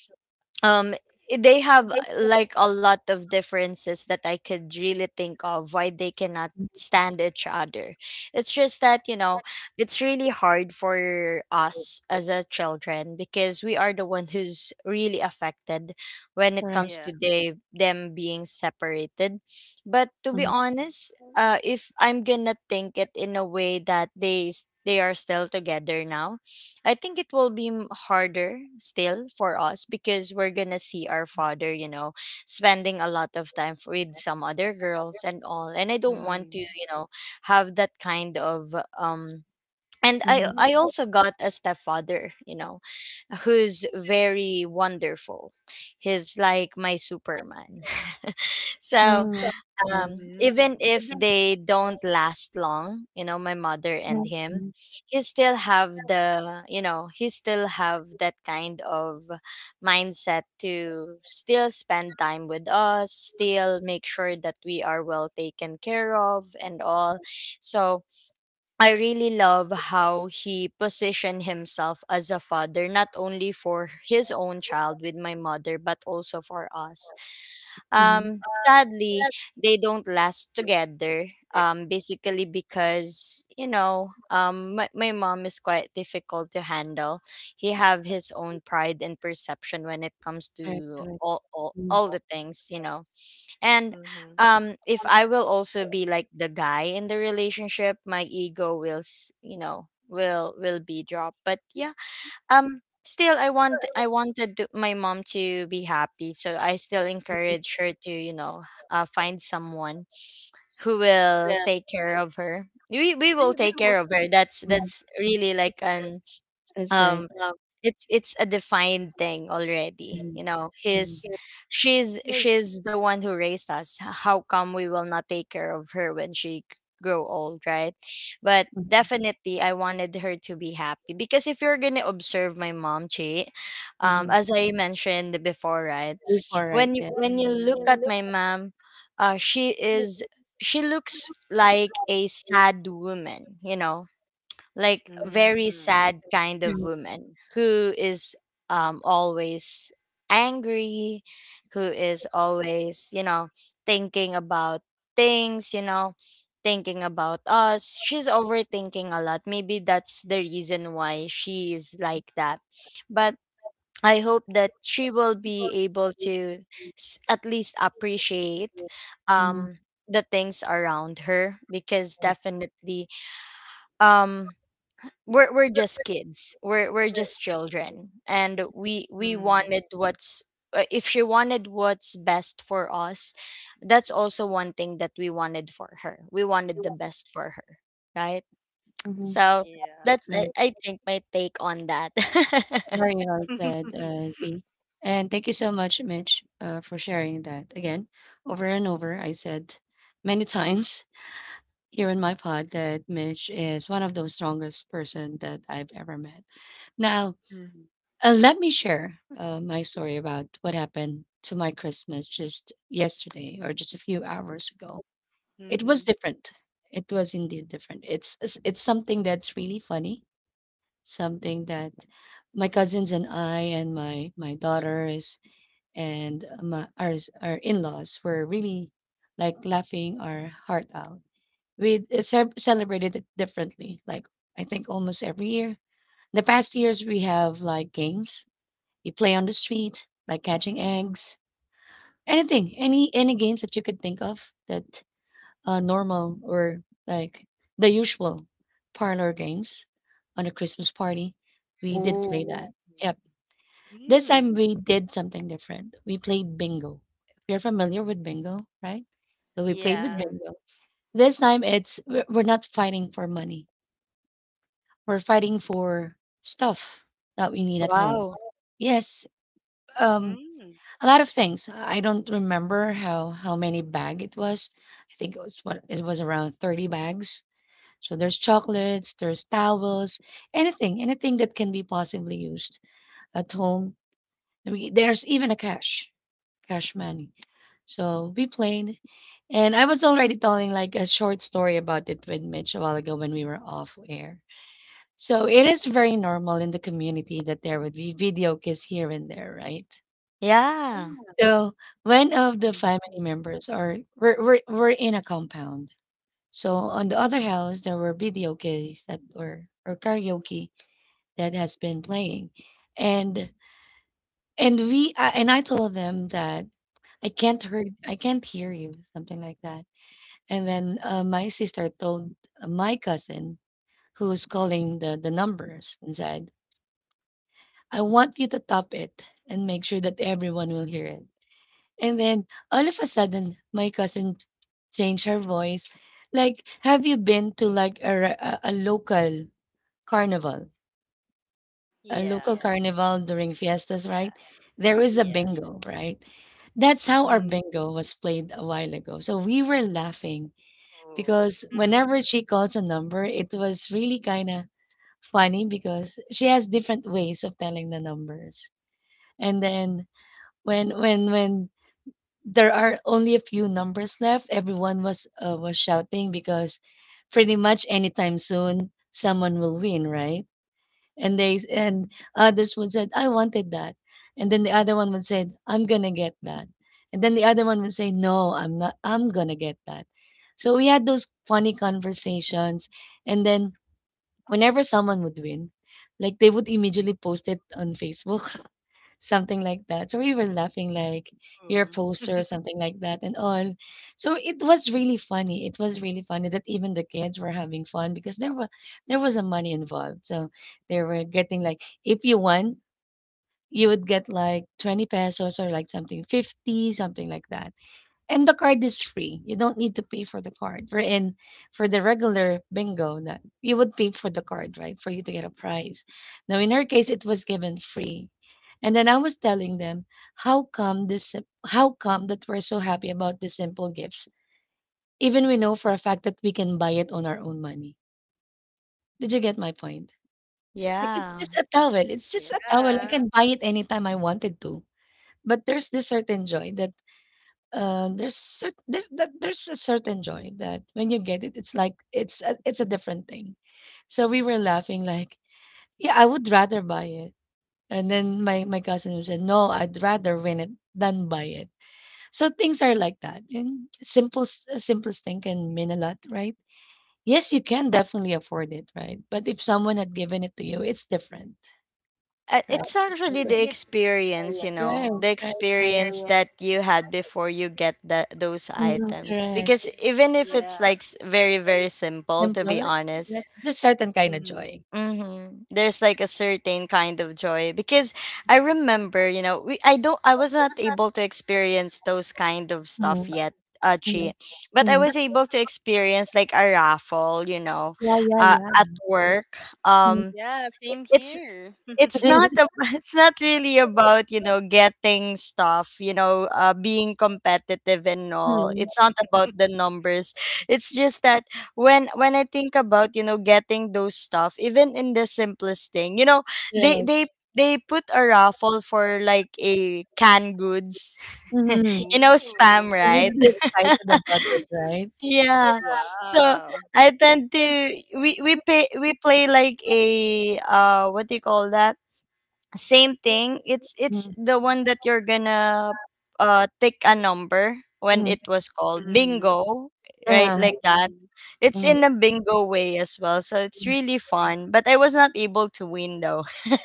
[SPEAKER 2] um they have like a lot of differences that I could really think of why they cannot
[SPEAKER 1] mhm,
[SPEAKER 2] stand each other. It's just that, you know, it's really hard for us as a children, because we are the one who's really affected when it
[SPEAKER 1] correct.
[SPEAKER 2] comes to
[SPEAKER 3] Yeah.
[SPEAKER 2] they them being separated. But to be
[SPEAKER 1] Mhm,
[SPEAKER 2] honest, uh, if I'm gonna think it in a way that they they are still together now, I think it will be harder still for us, because we're gonna see our father, you know, spending a lot of time with some other girls and all. And I don't want to, you know, have that kind of um, and I
[SPEAKER 1] mhm.
[SPEAKER 2] I also got a stepfather, you know, who's very wonderful. He's like my Superman. So
[SPEAKER 1] Mm, yes.
[SPEAKER 2] even
[SPEAKER 3] Mm-hmm.
[SPEAKER 2] if
[SPEAKER 1] Mhm,
[SPEAKER 2] they don't last long, you know, my mother and him,
[SPEAKER 1] mhm,
[SPEAKER 2] he still have the, you know, he still have that kind of mindset to still spend time with us, still make sure that we are well taken care of and all. So I really love how he positioned himself as a father, not only for his own child with my mother, but also for us.
[SPEAKER 1] mhm,
[SPEAKER 2] Sadly, they don't last together. Basically because, you know, my, my mom is quite difficult to handle. He have his own pride and perception when it comes
[SPEAKER 1] correct.
[SPEAKER 2] to
[SPEAKER 1] Correct.
[SPEAKER 2] all the things, you know. And
[SPEAKER 3] Mhm.
[SPEAKER 2] if I will also be like the guy in the relationship, my ego will, you know, will be dropped. But yeah, still, I wanted to, my mom to be happy, so I still encourage her to, you know, find someone who will take care of her. We will take care of her. That's
[SPEAKER 1] Mhm,
[SPEAKER 2] that's really like an, um
[SPEAKER 1] that's
[SPEAKER 2] it's a defined thing already, you
[SPEAKER 1] mhm.
[SPEAKER 2] know. His,
[SPEAKER 1] Yeah,
[SPEAKER 2] she's
[SPEAKER 1] she is
[SPEAKER 2] she's the one who raised us. How come we will not take care of her when she grow old, right? But definitely, I wanted her to be happy, because if you're gonna observe my mom, Chi, as I mentioned before, right?
[SPEAKER 1] before, right?
[SPEAKER 2] When you,
[SPEAKER 1] Yeah.
[SPEAKER 2] when you look
[SPEAKER 3] Mm.
[SPEAKER 2] at my mom, uh, she is, she looks like a sad woman, you know. Like very
[SPEAKER 3] Mm.
[SPEAKER 2] sad kind of
[SPEAKER 1] Mm-hmm.
[SPEAKER 2] woman, who is, always angry, who is always, you know, thinking about things, you know, thinking about us. She's overthinking a lot, maybe that's the reason why she is like that. But I hope that she will be able to, at least appreciate, um the things around her, because definitely, um we're just kids. We're just children, and we wanted
[SPEAKER 3] Mm.
[SPEAKER 2] what's if she wanted what's best for us. That's also one thing that we wanted for her. We wanted the best for her, right?
[SPEAKER 1] Hmm.
[SPEAKER 2] So
[SPEAKER 3] Yeah.
[SPEAKER 2] that's I,
[SPEAKER 1] Right.
[SPEAKER 2] I think my take on that.
[SPEAKER 1] Very well said, Z. And thank you so much, Mitch, for sharing that. Again, over and over, I said many times here in my pod that Mitch is one of the strongest person that I've ever met. Now,
[SPEAKER 3] Mhm.
[SPEAKER 1] Let me share my story about what happened to my Christmas just yesterday or just a few hours ago. It was
[SPEAKER 3] Mhm.
[SPEAKER 1] different. It was indeed different. It's something that's really funny. Something that my cousins and I and my daughters and our in-laws were really like laughing our heart out. We celebrated it differently. Like I think almost every year. The past years we have like games you play on the street like catching eggs. Anything, any games that you could think of that normal or like the usual parlor games on a Christmas party. We did play. Mm.
[SPEAKER 2] Ooh,
[SPEAKER 1] That.
[SPEAKER 3] Mhm.
[SPEAKER 1] Yep. This time
[SPEAKER 3] Mm.
[SPEAKER 1] we did something different. We played bingo. You're familiar with bingo, right? So we played with, yeah,
[SPEAKER 3] Yeah.
[SPEAKER 1] bingo. This time it's we're not fighting for money. We're fighting for stuff that we need at home.
[SPEAKER 2] wow,
[SPEAKER 1] Yes. Um,
[SPEAKER 3] Mm.
[SPEAKER 1] a lot of things. I don't remember how many bag it was. I think it was around 30 bags. So there's chocolates, there's towels, anything, anything that can be possibly used at home. We, there's even a cash, cash money. So we played. And I was already telling like a short story about it with Mitch a while ago when we were off air. So it is very normal in the community that there would be video kiss here and there, right?
[SPEAKER 2] yeah,
[SPEAKER 1] So one of the family
[SPEAKER 3] Mhm.
[SPEAKER 1] members are we're in a compound. So on the other house there were video games that were or karaoke that has been playing, and and we I and I told them that I can't hear you, something like that. And then my sister told my cousin who's calling the numbers and said, I want you to top it and make sure that everyone will hear it. And then all of a sudden, my cousin changed her voice. Like, have you been to like a local carnival? A
[SPEAKER 3] Yeah.
[SPEAKER 1] local carnival during fiestas, right?
[SPEAKER 3] Yeah.
[SPEAKER 1] There is a
[SPEAKER 3] Yeah.
[SPEAKER 1] bingo, right? That's how our
[SPEAKER 3] Mhm.
[SPEAKER 1] bingo was played a while ago. So we were laughing
[SPEAKER 3] Oh.
[SPEAKER 1] because
[SPEAKER 3] Mhm.
[SPEAKER 1] whenever she calls a number, it was really kind of funny because she has different ways of telling the numbers. And then when there are only a few numbers left, everyone was shouting because pretty much anytime soon someone will win, right? And others would said, "I wanted that," and then the other one would say, "I'm gonna get that," and then the other one would say, "No, I'm not. I'm gonna get that." So we had those funny conversations, and then whenever someone would win, like they would immediately post it on Facebook, something like that. So we were laughing like, you're a
[SPEAKER 3] Mm.
[SPEAKER 1] poser, something like that, and all. So it was really funny. It was really funny that even the kids were having fun because there was a money involved. So they were getting like, if you won, you would get like 20 pesos or like something 50, something like that. And the card is free. You don't need to pay for the card. For the regular bingo, that you would pay for the card, right? For you to get a prize. Now in her case, it was given free. And then I was telling them, how come that we're so happy about the simple gifts? Even we know for a fact that we can buy it on our own money. Did you get my point? Like, it's
[SPEAKER 2] yeah.
[SPEAKER 1] just a towel. It's just a towel. I
[SPEAKER 3] Yeah.
[SPEAKER 1] can buy it anytime I wanted to. But there's this certain joy that there's a certain joy that when you get it, it's like it's a different thing. So we were laughing like, yeah, I would rather buy it. And then my cousin who said, no, I'd rather win it than buy it. So things are like that. And simplest thing can mean a lot, right? Yes, you can definitely afford it, right? But if someone had given it to you, it's different, right? Right.
[SPEAKER 2] It's
[SPEAKER 1] It's
[SPEAKER 2] actually
[SPEAKER 1] a
[SPEAKER 2] the
[SPEAKER 1] different,
[SPEAKER 2] experience,
[SPEAKER 1] really
[SPEAKER 2] you
[SPEAKER 1] experience, you
[SPEAKER 2] know,
[SPEAKER 1] right? know,
[SPEAKER 2] the
[SPEAKER 1] right? Right?
[SPEAKER 2] experience
[SPEAKER 1] experience.
[SPEAKER 2] that you had before you get that those
[SPEAKER 1] Mm,
[SPEAKER 2] items,
[SPEAKER 1] correct.
[SPEAKER 2] because even if it's
[SPEAKER 3] Yeah.
[SPEAKER 2] like very very simple, to be
[SPEAKER 1] Simple?
[SPEAKER 2] honest.
[SPEAKER 1] Yes, there's a certain kind of
[SPEAKER 3] Mhm.
[SPEAKER 1] joy.
[SPEAKER 2] Mm-hmm, there's like a certain kind of joy because I remember, you know, we, I don't I was not able to experience those kind of
[SPEAKER 1] Mm,
[SPEAKER 2] stuff yet,
[SPEAKER 1] mhm,
[SPEAKER 2] Achi. But I
[SPEAKER 1] mhm.
[SPEAKER 2] was able to experience like a raffle, you know,
[SPEAKER 1] Yeah, yeah,
[SPEAKER 2] at
[SPEAKER 1] yeah.
[SPEAKER 2] work.
[SPEAKER 1] Mm.
[SPEAKER 2] Um,
[SPEAKER 3] Yeah, same
[SPEAKER 2] it's
[SPEAKER 3] here.
[SPEAKER 2] it's not a, it's not really about, you know, getting stuff, you know, being competitive and all.
[SPEAKER 1] Mm.
[SPEAKER 2] It's not about the numbers. It's just that, when I think about, you know, getting those stuff, even in the simplest thing, you know, they
[SPEAKER 1] Yeah.
[SPEAKER 2] they they put a raffle for like a canned goods
[SPEAKER 1] Mhm.
[SPEAKER 2] you know, spam,
[SPEAKER 3] Ooh.
[SPEAKER 1] You'd
[SPEAKER 2] right?
[SPEAKER 1] be excited about it, right?
[SPEAKER 2] Yeah. So
[SPEAKER 3] Wow.
[SPEAKER 2] I tend to— we play like a what do you call that? Same thing. It's
[SPEAKER 1] Mm,
[SPEAKER 2] the one that you're gonna take a number when
[SPEAKER 1] mhm.
[SPEAKER 2] it was called,
[SPEAKER 3] Mm-hmm.
[SPEAKER 2] bingo, right?
[SPEAKER 1] Yeah.
[SPEAKER 2] Like that.
[SPEAKER 3] Mm-hmm.
[SPEAKER 2] It's
[SPEAKER 1] Mm.
[SPEAKER 2] in a bingo way as well, so it's really fun. But I was not able to win, though.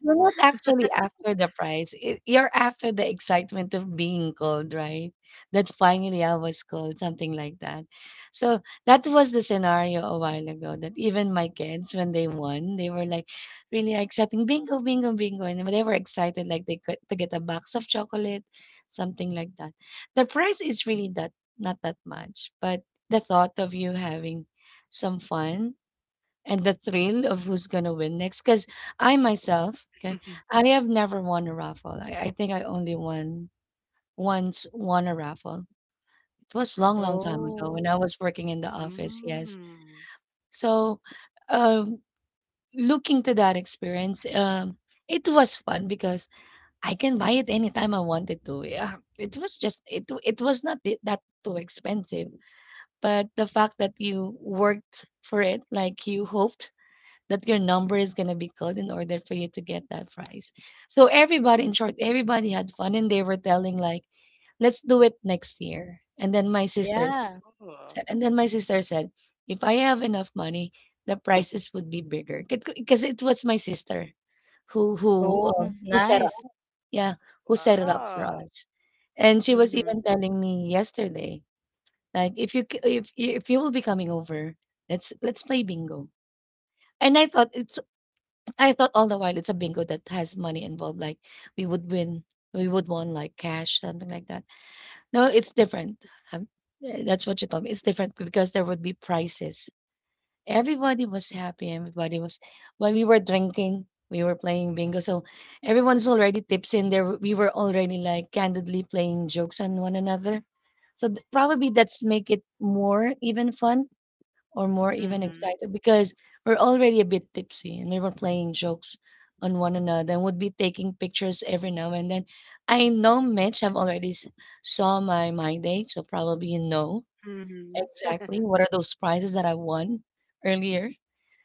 [SPEAKER 1] You're not actually after the prize. You're after the excitement of being called, right? That finally I was called, something like that. So that was the scenario a while ago that even my kids, when they won, they were like really like shouting, bingo, bingo, bingo. And they were excited, like they could to get a box of chocolate, something like that. The price is really that not that much, but the thought of you having some fun and the thrill of who's gonna win next. Because I myself, okay, I have never won a raffle. I think I only won once, won a raffle. It was long, long time ago
[SPEAKER 2] Oh,
[SPEAKER 1] when I was working in the office. Yes,
[SPEAKER 3] Mm-hmm.
[SPEAKER 1] so um, looking to that experience, it was fun because I can buy it anytime I wanted to. Yeah, it was just it. It was not that too expensive, but the fact that you worked for it, like you hoped that your number is going to be called in order for you to get that prize. So everybody, in short, everybody had fun and they were telling like, let's do it next year. And then
[SPEAKER 2] yeah.
[SPEAKER 1] my sister said, if I have enough money, the prices would be bigger because it was my sister
[SPEAKER 2] Oh,
[SPEAKER 1] who set up,
[SPEAKER 2] nice.
[SPEAKER 1] yeah, who set it up for
[SPEAKER 3] Wow.
[SPEAKER 1] us. And she was
[SPEAKER 3] Mm-hmm.
[SPEAKER 1] even telling me yesterday, like, if you c- if you will be coming over, let's play bingo. And I thought all the while it's a bingo that has money involved, like we would win, we would won like cash, something like that. No, it's different. Um, yeah, that's what you told me. It's different because there would be prizes. Everybody was happy. Everybody was While we were drinking, we were playing bingo. So everyone's already tips in there. We were already like candidly playing jokes on one another. So probably that's make it more even fun or more even
[SPEAKER 3] Mhm.
[SPEAKER 1] excited because we're already a bit tipsy and we were playing jokes on one another and would be taking pictures every now and then. I know Mitch have saw my date, so probably you know
[SPEAKER 3] Mhm.
[SPEAKER 1] exactly what are those prizes that I won earlier.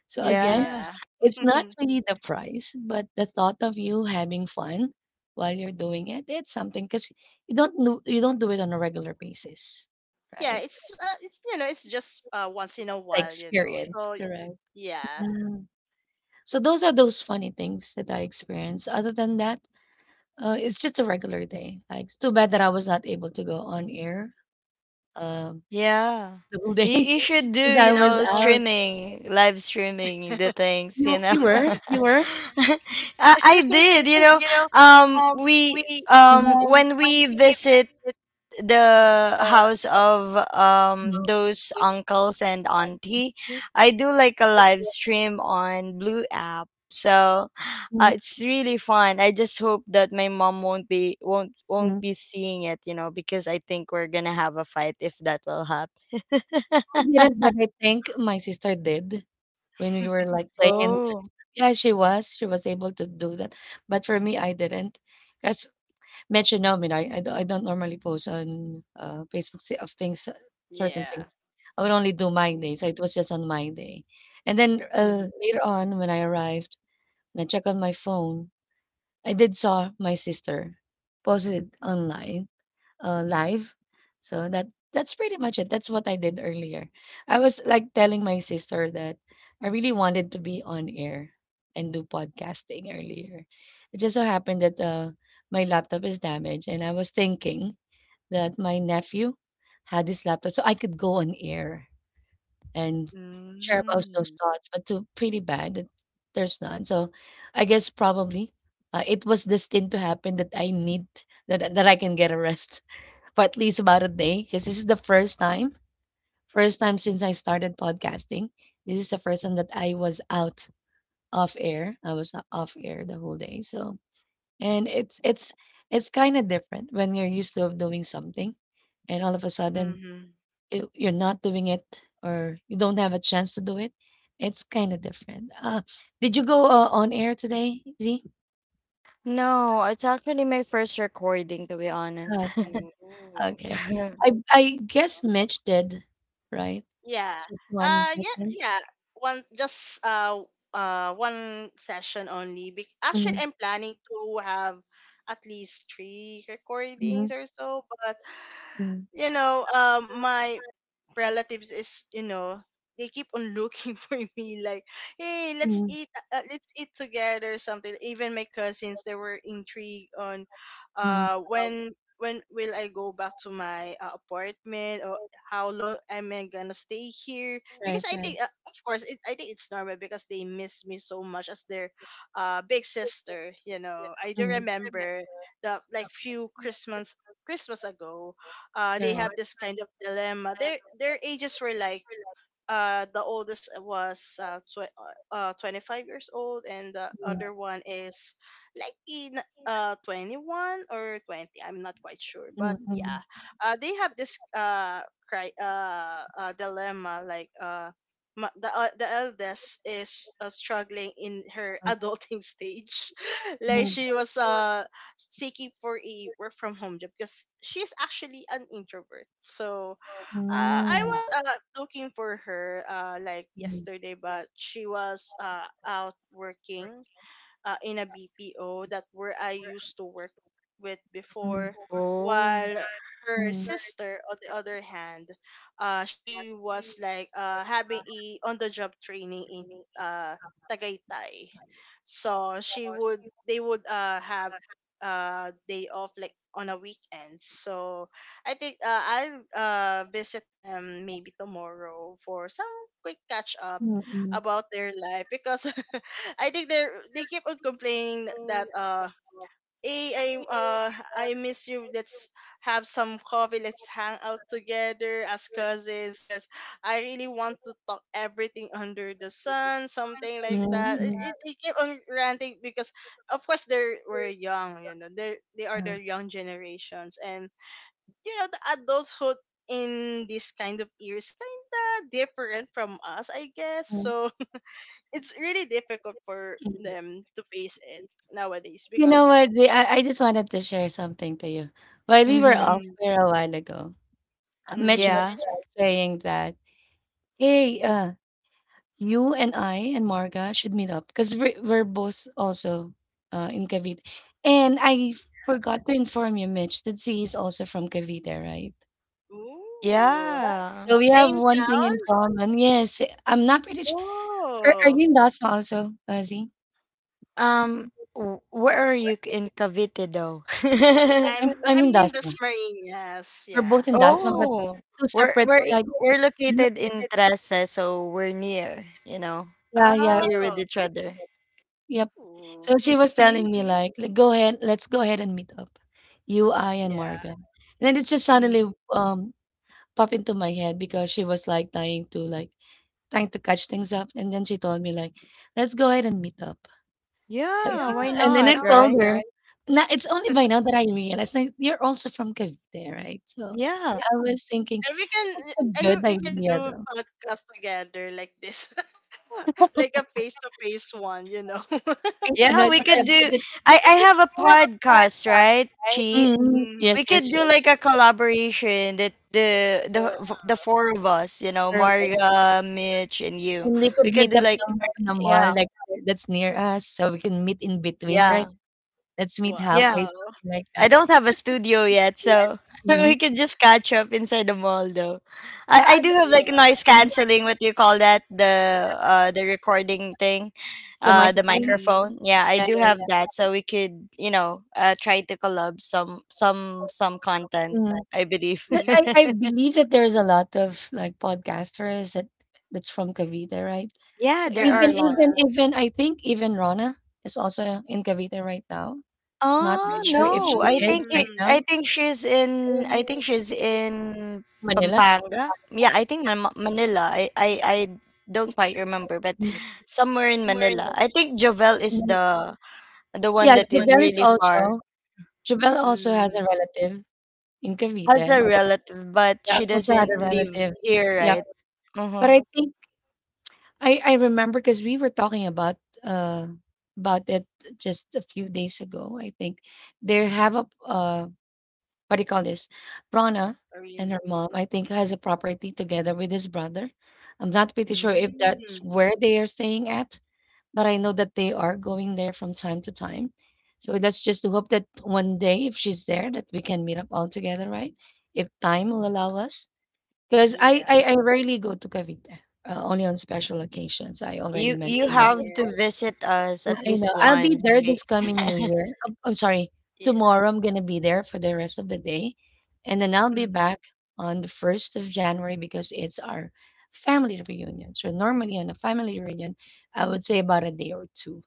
[SPEAKER 1] So again,
[SPEAKER 2] Yeah.
[SPEAKER 3] yeah.
[SPEAKER 1] it's not really the prize, but the thought of you having fun while you're doing it, it's something because you don't do it on a regular basis,
[SPEAKER 3] yeah,
[SPEAKER 1] right?
[SPEAKER 3] it's, it's, you know, it's just once in a
[SPEAKER 1] The
[SPEAKER 3] while, you know.
[SPEAKER 1] experience,
[SPEAKER 3] So
[SPEAKER 1] correct?
[SPEAKER 3] yeah.
[SPEAKER 1] So those are those funny things that I experienced. Other than that, it's just a regular day. Like, it's too bad that I was not able to go on air um,
[SPEAKER 2] Yeah.
[SPEAKER 1] the whole day
[SPEAKER 2] You should do,
[SPEAKER 1] because I,
[SPEAKER 2] you
[SPEAKER 1] yeah, was
[SPEAKER 2] know,
[SPEAKER 1] out.
[SPEAKER 2] streaming, live streaming the things,
[SPEAKER 1] You
[SPEAKER 2] you know.
[SPEAKER 1] you yeah, were, you were.
[SPEAKER 2] I did, you know. We
[SPEAKER 1] Mhm,
[SPEAKER 2] when we visit the house of
[SPEAKER 1] mhm,
[SPEAKER 2] those
[SPEAKER 1] was
[SPEAKER 2] uncles and auntie,
[SPEAKER 1] thinking,
[SPEAKER 2] I do like a live stream on blue app. So
[SPEAKER 1] mhm,
[SPEAKER 2] it's really fun. I just hope that my mom won't
[SPEAKER 1] mhm.
[SPEAKER 2] be seeing it, you know, because I think we're gonna have a fight if that will happen.
[SPEAKER 1] I didn't, but I think my sister did when we were like playing. And
[SPEAKER 2] Oh.
[SPEAKER 1] yeah, she was able to do that. But for me, I didn't. As mentioned, no, I mean, I don't normally post on Facebook of things, certain things
[SPEAKER 3] yeah.
[SPEAKER 1] I would only do my
[SPEAKER 3] Mhm.
[SPEAKER 1] day, so it was just on my day. And then later on, when I arrived and I checked on my phone, I did saw my sister posted online, live. So that's pretty much it. That's what I did earlier. I was like telling my sister that I really wanted to be on air and do podcasting earlier. It just so happened that my laptop is damaged, and I was thinking that my nephew had this laptop so I could go on air and share about those
[SPEAKER 3] Mhm.
[SPEAKER 1] thoughts, but too pretty bad that there's none. So I guess probably it was destined to happen that I need that I can get a rest for at least about a day because this is the first time since I started podcasting. This is the first time that I was out, off air. I was off air the whole day. So, and it's kind of different when you're used to doing something and all of a sudden
[SPEAKER 3] Mhm.
[SPEAKER 1] you're not doing it or you don't have a chance to do it, it's kind of different. Did you go on air today, Z?
[SPEAKER 2] No, it's actually my first recording, to be honest.
[SPEAKER 1] Okay.
[SPEAKER 3] Ooh.
[SPEAKER 1] Okay. I guess Mitch did, right?
[SPEAKER 3] Yeah.
[SPEAKER 1] Just one
[SPEAKER 3] Yeah,
[SPEAKER 1] second.
[SPEAKER 3] yeah. One just uh one session only. Actually,
[SPEAKER 1] Mm-hmm,
[SPEAKER 3] I'm planning to have at least three
[SPEAKER 1] mm-hmm,
[SPEAKER 3] recordings or so, but
[SPEAKER 1] mm-hmm,
[SPEAKER 3] my relatives is you know they keep on looking for me like hey, let's eat together or something. Even my cousins, they were intrigued on
[SPEAKER 1] mm-hmm.
[SPEAKER 3] uh when when will I go back to my apartment, or how long am I gonna stay here, because
[SPEAKER 1] Right,
[SPEAKER 3] I
[SPEAKER 1] right.
[SPEAKER 3] think, of course I think it's normal because they miss me so much as their big sister, you know. I do
[SPEAKER 1] Mm-hmm,
[SPEAKER 3] remember the like few christmas ago, they
[SPEAKER 1] correct.
[SPEAKER 3] have this kind of dilemma. Their ages were like, the oldest was 25 years old, and the
[SPEAKER 1] Mm-hmm,
[SPEAKER 3] other one is like in 21 or 20. I'm not quite sure, but yeah,
[SPEAKER 1] mm-hmm,
[SPEAKER 3] they have this dilemma like the eldest is, struggling in her adulting stage like
[SPEAKER 1] mm-hmm,
[SPEAKER 3] she was seeking for a work from home job because she's actually an introvert. So I was looking for her like
[SPEAKER 1] mm-hmm,
[SPEAKER 3] yesterday, but she was out working in a BPO that where I used to work with before.
[SPEAKER 2] Oh.
[SPEAKER 3] While her
[SPEAKER 1] mm-hmm,
[SPEAKER 3] sister, on the other hand, she was like having a on-the-job training in uh, Tagaytay. So she would, they would have day off like on a weekend. So I think, I'll visit them maybe tomorrow for some quick catch up
[SPEAKER 1] mm-hmm,
[SPEAKER 3] about their life, because I think they keep on complaining that, hey, I miss you, let's have some coffee, let's hang out together as cousins, because I really want to talk everything under the sun, something like that.
[SPEAKER 1] mm-hmm,
[SPEAKER 3] They keep on ranting because of course they were young, you know. They are
[SPEAKER 1] mm-hmm,
[SPEAKER 3] the young generations, and you know, the adulthood in this kind of year is kind of different from us, I guess.
[SPEAKER 1] mm-hmm.
[SPEAKER 3] So it's really difficult for them to face it nowadays
[SPEAKER 1] You know
[SPEAKER 3] because...
[SPEAKER 1] what? Zee, I just wanted to share something to you. While we were
[SPEAKER 2] Hmm.
[SPEAKER 1] off
[SPEAKER 3] Mm,
[SPEAKER 1] there a while ago, Mitch
[SPEAKER 3] mhm.
[SPEAKER 2] Yeah.
[SPEAKER 1] was saying that, hey, you and I and Marga should meet up because we're both also in Cavite. And I forgot to inform you, Mitch, that Z is also from Cavite, right?
[SPEAKER 3] Ooh,
[SPEAKER 2] Yeah.
[SPEAKER 1] So we have
[SPEAKER 3] same
[SPEAKER 1] one thing in
[SPEAKER 3] town.
[SPEAKER 1] common. Yes, I'm not pretty sure. Are
[SPEAKER 3] Oh,
[SPEAKER 1] you in Dasma also, Z?
[SPEAKER 2] Um, where are you in Cavite, though?
[SPEAKER 3] I'm
[SPEAKER 1] I'm
[SPEAKER 3] I'm
[SPEAKER 1] in
[SPEAKER 3] in the
[SPEAKER 1] Dasma.
[SPEAKER 3] Smarinas,
[SPEAKER 1] We're
[SPEAKER 3] yeah.
[SPEAKER 1] both in Dasma, but
[SPEAKER 2] Oh,
[SPEAKER 1] two
[SPEAKER 2] we're
[SPEAKER 1] separate,
[SPEAKER 2] we're i-
[SPEAKER 1] like,
[SPEAKER 2] we're
[SPEAKER 1] mhm,
[SPEAKER 2] located in Trece, so we're near, you know,
[SPEAKER 1] yeah, yeah.
[SPEAKER 2] near with
[SPEAKER 3] Oh.
[SPEAKER 2] each other.
[SPEAKER 1] Yep.
[SPEAKER 3] Ooh.
[SPEAKER 1] So she was telling me like, "Let go ahead, let's go ahead and meet up, you, I, and
[SPEAKER 3] Yeah.
[SPEAKER 1] Morgan." And then it just
[SPEAKER 3] Mm.
[SPEAKER 1] suddenly um popped into my head because she was like trying to catch things up, and then she told me like, "Let's go ahead and meet up."
[SPEAKER 2] Yeah, why
[SPEAKER 1] Yeah, and then I
[SPEAKER 2] not,
[SPEAKER 1] now that
[SPEAKER 2] right?
[SPEAKER 1] told her, right? "Now it's only by now that I realized like you're also from Cavite, right?" So
[SPEAKER 2] Yeah.
[SPEAKER 1] yeah. I was thinking
[SPEAKER 3] And we can,
[SPEAKER 1] it's a
[SPEAKER 3] and
[SPEAKER 1] good
[SPEAKER 3] we can
[SPEAKER 1] idea
[SPEAKER 3] do
[SPEAKER 1] though.
[SPEAKER 3] podcast together like this, like a face to face one, you know.
[SPEAKER 1] I,
[SPEAKER 2] Yeah,
[SPEAKER 1] know-
[SPEAKER 2] we could do— I have a
[SPEAKER 1] I have a quiet
[SPEAKER 2] podcast, right,
[SPEAKER 1] time.
[SPEAKER 2] Chi?
[SPEAKER 1] Mhm.
[SPEAKER 3] Mm,
[SPEAKER 2] We
[SPEAKER 1] Yes,
[SPEAKER 2] could
[SPEAKER 1] yes,
[SPEAKER 2] do like a collaboration, that the
[SPEAKER 3] yeah.
[SPEAKER 2] the four of us, you know,
[SPEAKER 1] yes.
[SPEAKER 2] Marga, Mitch and you.
[SPEAKER 1] And we
[SPEAKER 2] We
[SPEAKER 1] could
[SPEAKER 2] could
[SPEAKER 1] meet
[SPEAKER 2] do
[SPEAKER 1] up
[SPEAKER 2] like—
[SPEAKER 1] somewhere in the mall,
[SPEAKER 2] yeah,
[SPEAKER 1] like, that's near us, so we can meet in between,
[SPEAKER 2] yeah.
[SPEAKER 1] right? Let's meet
[SPEAKER 2] Yeah.
[SPEAKER 1] halfway,
[SPEAKER 3] Wow.
[SPEAKER 1] something like
[SPEAKER 2] I
[SPEAKER 1] that.
[SPEAKER 2] don't have a studio yet, so we
[SPEAKER 1] Mhm.
[SPEAKER 2] could just catch up inside the mall though.
[SPEAKER 1] Yeah, I
[SPEAKER 2] I do have like
[SPEAKER 3] Yeah.
[SPEAKER 2] noise
[SPEAKER 1] think
[SPEAKER 2] canceling, what do you call that? The recording thing,
[SPEAKER 1] the
[SPEAKER 2] the
[SPEAKER 1] microphone.
[SPEAKER 3] Mhm.
[SPEAKER 2] microphone. Yeah, I
[SPEAKER 1] Yeah,
[SPEAKER 2] do
[SPEAKER 1] yeah,
[SPEAKER 2] have that, so we could, you know, try to collab some
[SPEAKER 1] yeah.
[SPEAKER 2] content,
[SPEAKER 1] Mhm.
[SPEAKER 2] I believe.
[SPEAKER 1] But
[SPEAKER 3] Mm.
[SPEAKER 1] I believe that there's a lot of, like, podcasters that's from Cavite, right?
[SPEAKER 2] Yeah,
[SPEAKER 1] So
[SPEAKER 2] there
[SPEAKER 3] Yeah.
[SPEAKER 2] are
[SPEAKER 1] even
[SPEAKER 2] a lot.
[SPEAKER 1] even even I think even Rona is also in Cavite right now. Not really
[SPEAKER 2] Oh,
[SPEAKER 1] sure if
[SPEAKER 2] no.
[SPEAKER 1] she
[SPEAKER 2] I
[SPEAKER 1] is
[SPEAKER 2] think it
[SPEAKER 1] right now.
[SPEAKER 3] Mm,
[SPEAKER 2] I think she's in— I
[SPEAKER 1] In
[SPEAKER 2] think she's in
[SPEAKER 1] Manila?
[SPEAKER 2] Pampanga. Yeah, I think Ma Manila. I don't quite remember, but
[SPEAKER 1] Mm.
[SPEAKER 2] somewhere in
[SPEAKER 1] Somewhere in.
[SPEAKER 2] Manila. I think Jovel is
[SPEAKER 1] Mhm.
[SPEAKER 2] the one
[SPEAKER 1] Yeah,
[SPEAKER 2] that is
[SPEAKER 1] Jubel is
[SPEAKER 2] really far.
[SPEAKER 1] also Jubel. also has
[SPEAKER 3] mm,
[SPEAKER 1] a relative in Cavite,
[SPEAKER 2] Has a
[SPEAKER 1] and also,
[SPEAKER 2] relative, but
[SPEAKER 1] yeah,
[SPEAKER 2] she
[SPEAKER 1] also had
[SPEAKER 2] doesn't
[SPEAKER 1] a
[SPEAKER 3] mm,
[SPEAKER 2] live
[SPEAKER 1] relative.
[SPEAKER 2] here,
[SPEAKER 1] Yeah, yeah.
[SPEAKER 2] right?
[SPEAKER 1] But
[SPEAKER 2] Mm-hmm.
[SPEAKER 1] I think I remember because we were talking uh, about it just a few days ago, I think. They have what do you call this? Rona and
[SPEAKER 3] really?
[SPEAKER 1] her mom, I think, has a property together with his brother. I'm not pretty sure if that's
[SPEAKER 3] Mm,
[SPEAKER 1] where they are staying at, but I know that they are going there from time to time. So that's just to hope that one day, if she's there, that we can meet up all together, right? If time will allow us. Because I,
[SPEAKER 3] yeah.
[SPEAKER 1] I I rarely go to Cavite, only on special occasions. I already
[SPEAKER 2] You
[SPEAKER 1] mentioned
[SPEAKER 3] Same
[SPEAKER 1] that. Really?
[SPEAKER 2] have
[SPEAKER 3] here.
[SPEAKER 2] to visit us
[SPEAKER 1] Yeah,
[SPEAKER 2] at
[SPEAKER 1] I know.
[SPEAKER 2] least
[SPEAKER 1] I'll, nice, be
[SPEAKER 2] once.
[SPEAKER 1] there
[SPEAKER 2] She—
[SPEAKER 1] this coming New Year. I'm sorry,
[SPEAKER 3] Yeah.
[SPEAKER 1] tomorrow I'm gonna be there for the rest of the day, and then I'll be
[SPEAKER 3] Mhm,
[SPEAKER 1] back on the first of January because it's our family reunion. So normally on a family reunion, I would say about a day or two,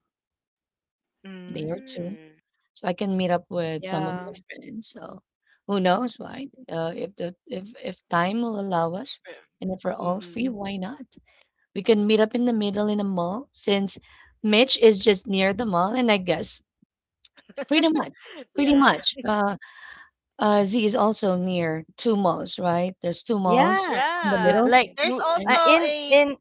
[SPEAKER 1] a day or two,
[SPEAKER 3] mm,
[SPEAKER 1] so I can meet up with some of my
[SPEAKER 2] Yeah.
[SPEAKER 1] friends. So who knows, right? If the if time will allow us, and if we're all
[SPEAKER 3] mhm.
[SPEAKER 1] free, why not? We can meet up in the middle in a mall since Mitch is just near the mall, and I guess pretty much, pretty
[SPEAKER 3] Yeah.
[SPEAKER 1] much. Z is also near two malls, right? There's two malls
[SPEAKER 2] Yeah.
[SPEAKER 1] in the
[SPEAKER 3] Yeah.
[SPEAKER 1] middle,
[SPEAKER 2] Like
[SPEAKER 3] There's
[SPEAKER 1] right?
[SPEAKER 3] also
[SPEAKER 2] in
[SPEAKER 3] a,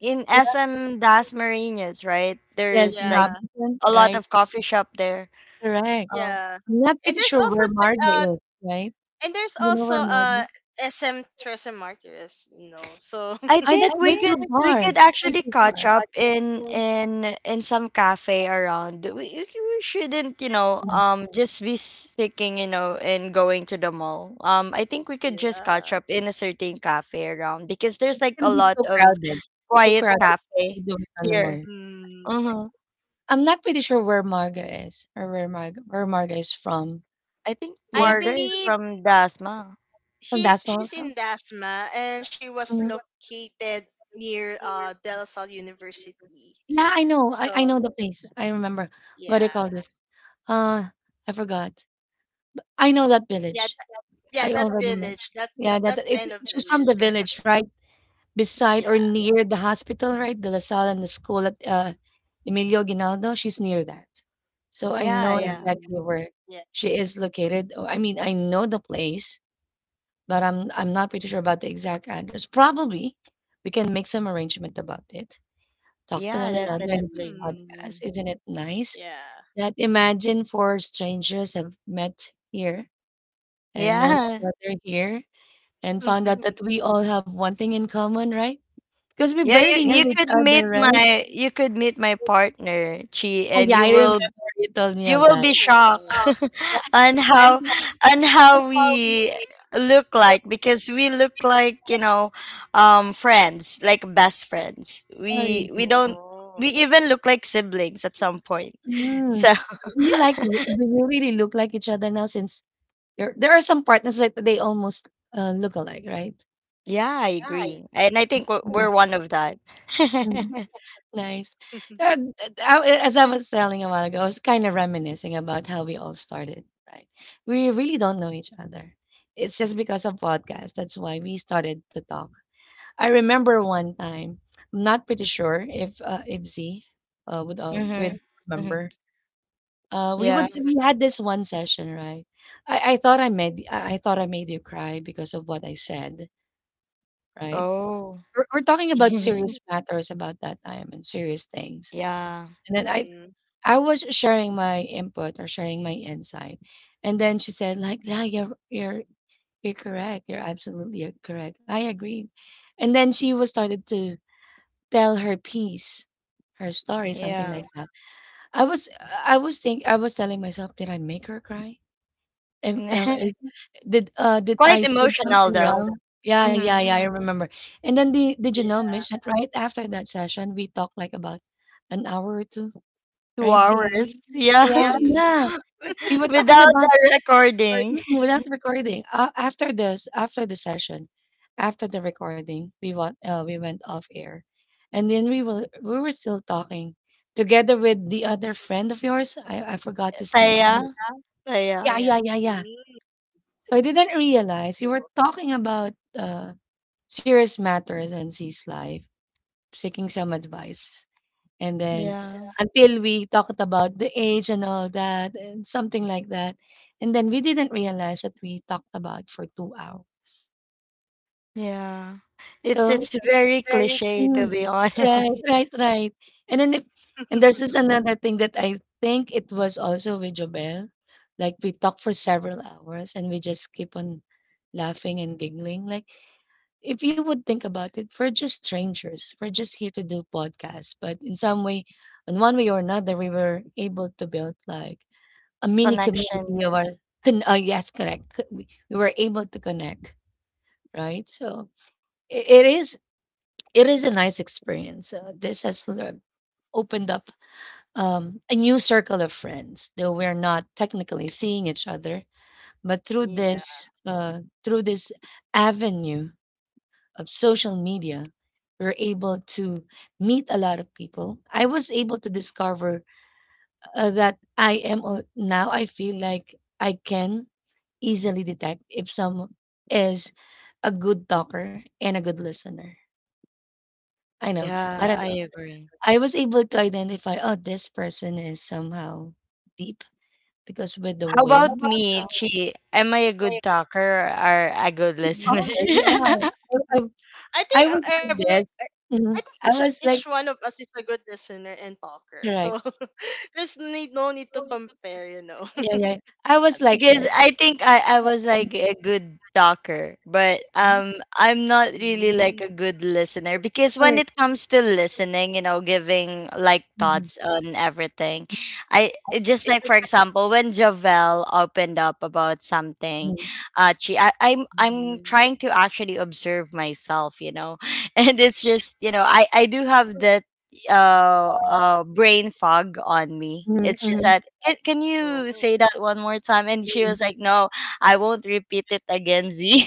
[SPEAKER 2] in SM Das Marinas, right?
[SPEAKER 1] Yes, in
[SPEAKER 2] There's like
[SPEAKER 3] yeah,
[SPEAKER 1] Robinson,
[SPEAKER 2] a lot
[SPEAKER 1] right?
[SPEAKER 2] of coffee shop there.
[SPEAKER 1] Correct.
[SPEAKER 2] Um,
[SPEAKER 3] yeah.
[SPEAKER 1] I'm not
[SPEAKER 3] And
[SPEAKER 1] pretty
[SPEAKER 3] there's
[SPEAKER 1] sure
[SPEAKER 3] also
[SPEAKER 1] where Marga is, right?
[SPEAKER 3] and there's
[SPEAKER 1] You know
[SPEAKER 3] also
[SPEAKER 1] where Marga is?
[SPEAKER 3] SM Tres Martyrs, you know. So
[SPEAKER 2] I
[SPEAKER 1] That's
[SPEAKER 2] think we
[SPEAKER 1] way too
[SPEAKER 2] could— we
[SPEAKER 1] far.
[SPEAKER 2] could
[SPEAKER 1] That's way
[SPEAKER 2] actually
[SPEAKER 1] too
[SPEAKER 2] catch
[SPEAKER 1] far.
[SPEAKER 2] up in in some cafe around. We shouldn't, you know, just be sticking, you know, in going to the mall. Um, I think we could just catch
[SPEAKER 3] yeah.
[SPEAKER 2] up in a certain cafe around because there's
[SPEAKER 1] It's
[SPEAKER 2] like
[SPEAKER 1] gonna
[SPEAKER 2] a
[SPEAKER 1] be
[SPEAKER 2] lot
[SPEAKER 1] too
[SPEAKER 2] of
[SPEAKER 1] crowded. Too
[SPEAKER 2] quiet
[SPEAKER 1] crowded to
[SPEAKER 2] cafe
[SPEAKER 1] do it on the
[SPEAKER 2] here.
[SPEAKER 1] mall.
[SPEAKER 3] Mm,
[SPEAKER 2] Uh-huh.
[SPEAKER 1] I'm not pretty sure where Marga is or where Marga is from.
[SPEAKER 2] I think
[SPEAKER 3] I
[SPEAKER 1] Yeah, but
[SPEAKER 2] Margaret is
[SPEAKER 3] believe
[SPEAKER 2] from Dasma.
[SPEAKER 1] from
[SPEAKER 3] she,
[SPEAKER 1] that
[SPEAKER 3] she's in
[SPEAKER 1] also.
[SPEAKER 3] Dasma and she was
[SPEAKER 1] Mm,
[SPEAKER 3] located near De La Salle University.
[SPEAKER 1] yeah, I know. I
[SPEAKER 3] So
[SPEAKER 1] know the place. I remember.
[SPEAKER 3] yeah,
[SPEAKER 1] What do you call this? Uh, I forgot. I know that
[SPEAKER 3] yeah,
[SPEAKER 1] village.
[SPEAKER 3] th- yeah,
[SPEAKER 1] I
[SPEAKER 3] that
[SPEAKER 1] already
[SPEAKER 3] village,
[SPEAKER 1] met.
[SPEAKER 3] that
[SPEAKER 1] Yeah,
[SPEAKER 3] that kind of
[SPEAKER 1] she's from
[SPEAKER 3] village.
[SPEAKER 1] the village, right? Beside or
[SPEAKER 3] Yeah.
[SPEAKER 1] near the hospital, right? The LaSalle and the school at Emilio Ginaldo. She's near that. So I
[SPEAKER 2] Yeah,
[SPEAKER 1] know, yeah,
[SPEAKER 2] yeah.
[SPEAKER 1] exactly
[SPEAKER 3] Mm.
[SPEAKER 1] where
[SPEAKER 3] Yeah.
[SPEAKER 1] she is located. Oh, I mean, I know the place, but I'm not pretty sure about the exact address. Probably we can make some arrangement about it, talk to
[SPEAKER 2] Yeah,
[SPEAKER 1] one another and do
[SPEAKER 2] definitely.
[SPEAKER 3] Mm.
[SPEAKER 1] podcasts. Isn't it nice?
[SPEAKER 3] Yeah.
[SPEAKER 1] That imagine four strangers have met here and known each
[SPEAKER 2] Yeah.
[SPEAKER 1] other here and found out that we all have one thing in common, right? Because we
[SPEAKER 2] Yeah, you—
[SPEAKER 1] barely, yes,
[SPEAKER 2] you
[SPEAKER 1] knew each
[SPEAKER 2] could
[SPEAKER 1] other,
[SPEAKER 2] meet
[SPEAKER 1] right?
[SPEAKER 2] my you could meet my partner, Chi,
[SPEAKER 1] Oh,
[SPEAKER 2] and
[SPEAKER 1] yeah,
[SPEAKER 2] you—
[SPEAKER 1] I remember
[SPEAKER 2] will
[SPEAKER 1] you told me
[SPEAKER 2] you
[SPEAKER 1] of
[SPEAKER 2] will
[SPEAKER 1] that.
[SPEAKER 2] be
[SPEAKER 3] Ooh.
[SPEAKER 2] shocked on
[SPEAKER 1] And
[SPEAKER 2] how— on
[SPEAKER 1] that's
[SPEAKER 2] how we
[SPEAKER 1] we.
[SPEAKER 2] look like, because we look like, you know, um, friends, like best friends.
[SPEAKER 1] Sorry.
[SPEAKER 2] We don't— we
[SPEAKER 3] Oh.
[SPEAKER 2] even look like siblings at some point.
[SPEAKER 1] Mm.
[SPEAKER 2] So,
[SPEAKER 1] Do, mm, you like? Do you really look like each other now? Since you're, there are some partners that they almost look alike, right?
[SPEAKER 2] yeah, I agree. And I think we're one of that.
[SPEAKER 1] Mm. Nice. As I was telling a while ago, I was kind of reminiscing about how we all started, right? We really don't know each other. It's just because of podcasts. That's why we started to talk. I remember one time, I'm not pretty sure if Z would
[SPEAKER 2] Mhm. Mhm.
[SPEAKER 1] remember. Uh, we
[SPEAKER 2] Yeah.
[SPEAKER 1] would we had this one session, right? I thought I made you cry because of what I said, right?
[SPEAKER 2] Oh.
[SPEAKER 1] We're talking about
[SPEAKER 3] Mm.
[SPEAKER 1] serious matters about that time and serious things.
[SPEAKER 2] Yeah.
[SPEAKER 1] And then I,
[SPEAKER 3] Mhm.
[SPEAKER 1] I was sharing my input or sharing my insight. And then she said, like, yeah, you're correct. You're absolutely correct. I agreed. And then she was started to tell her piece, her story, something
[SPEAKER 2] Yeah.
[SPEAKER 1] like that. I was I was telling myself, did I make her cry? Am, is- did
[SPEAKER 2] Quite
[SPEAKER 1] I say
[SPEAKER 2] emotional
[SPEAKER 1] something
[SPEAKER 2] though.
[SPEAKER 1] wrong? Yeah, yeah, yeah,
[SPEAKER 2] Mhm.
[SPEAKER 1] I remember. And then the did you
[SPEAKER 3] Yeah.
[SPEAKER 1] know, Mish, that right after that session, we talked like about an hour or two,
[SPEAKER 2] 2
[SPEAKER 1] right? Z? 2 hours.
[SPEAKER 2] hours. Yeah.
[SPEAKER 1] Two, yeah,
[SPEAKER 3] Mm.
[SPEAKER 1] hours. Yeah, we were talking
[SPEAKER 2] Without
[SPEAKER 1] about
[SPEAKER 2] a
[SPEAKER 1] recording.
[SPEAKER 2] recording.
[SPEAKER 1] Without recording. After this, after the session, after the recording, we went off air, and then we were still talking together with the other friend of yours. I forgot his name.
[SPEAKER 2] Taya.
[SPEAKER 1] Um,
[SPEAKER 2] Taya.
[SPEAKER 1] yeah, Yeah. Yeah, yeah, yeah.
[SPEAKER 3] Mm.
[SPEAKER 1] So I didn't realize you were talking about serious matters and C's life, seeking some advice. And then,
[SPEAKER 2] Yeah.
[SPEAKER 1] until we talked about the age and all that and something like that, and then we didn't realize that we talked about for 2 hours.
[SPEAKER 2] Yeah.
[SPEAKER 1] So
[SPEAKER 2] It's
[SPEAKER 1] it's
[SPEAKER 2] very cliche, to
[SPEAKER 1] complicated.
[SPEAKER 3] Mm.
[SPEAKER 2] be honest.
[SPEAKER 1] Right, right, right. And then if and there's this another thing that I think it was also with Jobel. Like we talked for several hours and we just keep on laughing and giggling, like, if you would think about it, we're just strangers. We're just here to do podcasts. But in some way, in one way or another, we were able to build like a mini
[SPEAKER 2] Connection.
[SPEAKER 1] community of our. Yes, correct. We were able to connect, right? So i- it is it is a nice experience. This has opened up, a new circle of friends, though we're not technically seeing each other. But through
[SPEAKER 3] Yeah.
[SPEAKER 1] this uh, through this avenue of social media, we're able to meet a lot of people. I was able to discover that now I feel like I can easily detect if someone is a good talker and a good listener. I know. I, yeah,
[SPEAKER 2] Yeah,
[SPEAKER 1] don't
[SPEAKER 2] I
[SPEAKER 1] know.
[SPEAKER 2] agree.
[SPEAKER 1] I was able to identify, oh, this person is somehow deep because with the
[SPEAKER 2] How
[SPEAKER 1] way
[SPEAKER 2] about
[SPEAKER 1] they
[SPEAKER 2] me,
[SPEAKER 1] talk.
[SPEAKER 2] Chi? Am I a good talker or a good listener?
[SPEAKER 3] I
[SPEAKER 1] I
[SPEAKER 3] think
[SPEAKER 1] was
[SPEAKER 3] uh,
[SPEAKER 1] like
[SPEAKER 3] every I
[SPEAKER 1] this.
[SPEAKER 3] I think
[SPEAKER 1] Mhm. I
[SPEAKER 3] each
[SPEAKER 1] was. So,
[SPEAKER 3] one
[SPEAKER 1] like,
[SPEAKER 3] of us is a good listener and talker. So
[SPEAKER 1] correct.
[SPEAKER 3] there's need no need to compare, you know.
[SPEAKER 1] Yeah, yeah. I was like this.
[SPEAKER 2] Because I think I was like a good talker, but
[SPEAKER 1] Mhm,
[SPEAKER 2] um, I'm not really like
[SPEAKER 3] Mm,
[SPEAKER 2] a good listener, because when
[SPEAKER 1] correct,
[SPEAKER 2] it comes to listening, you know, giving like
[SPEAKER 1] mhm.
[SPEAKER 2] thoughts on everything, I—
[SPEAKER 1] I
[SPEAKER 2] it just
[SPEAKER 1] It
[SPEAKER 2] like,
[SPEAKER 1] just
[SPEAKER 2] for
[SPEAKER 1] like.
[SPEAKER 2] example, when Javel opened up about something,
[SPEAKER 1] Mhm,
[SPEAKER 2] I'm
[SPEAKER 3] mhm.
[SPEAKER 2] trying to actually observe myself, you know, and it's just, you know, I do have the brain fog on me.
[SPEAKER 1] mhm,
[SPEAKER 2] It's just
[SPEAKER 1] mhm,
[SPEAKER 2] that, can you
[SPEAKER 3] Oh.
[SPEAKER 2] say that one more time? And she
[SPEAKER 1] mhm.
[SPEAKER 2] was like, no, I won't repeat it again, Z.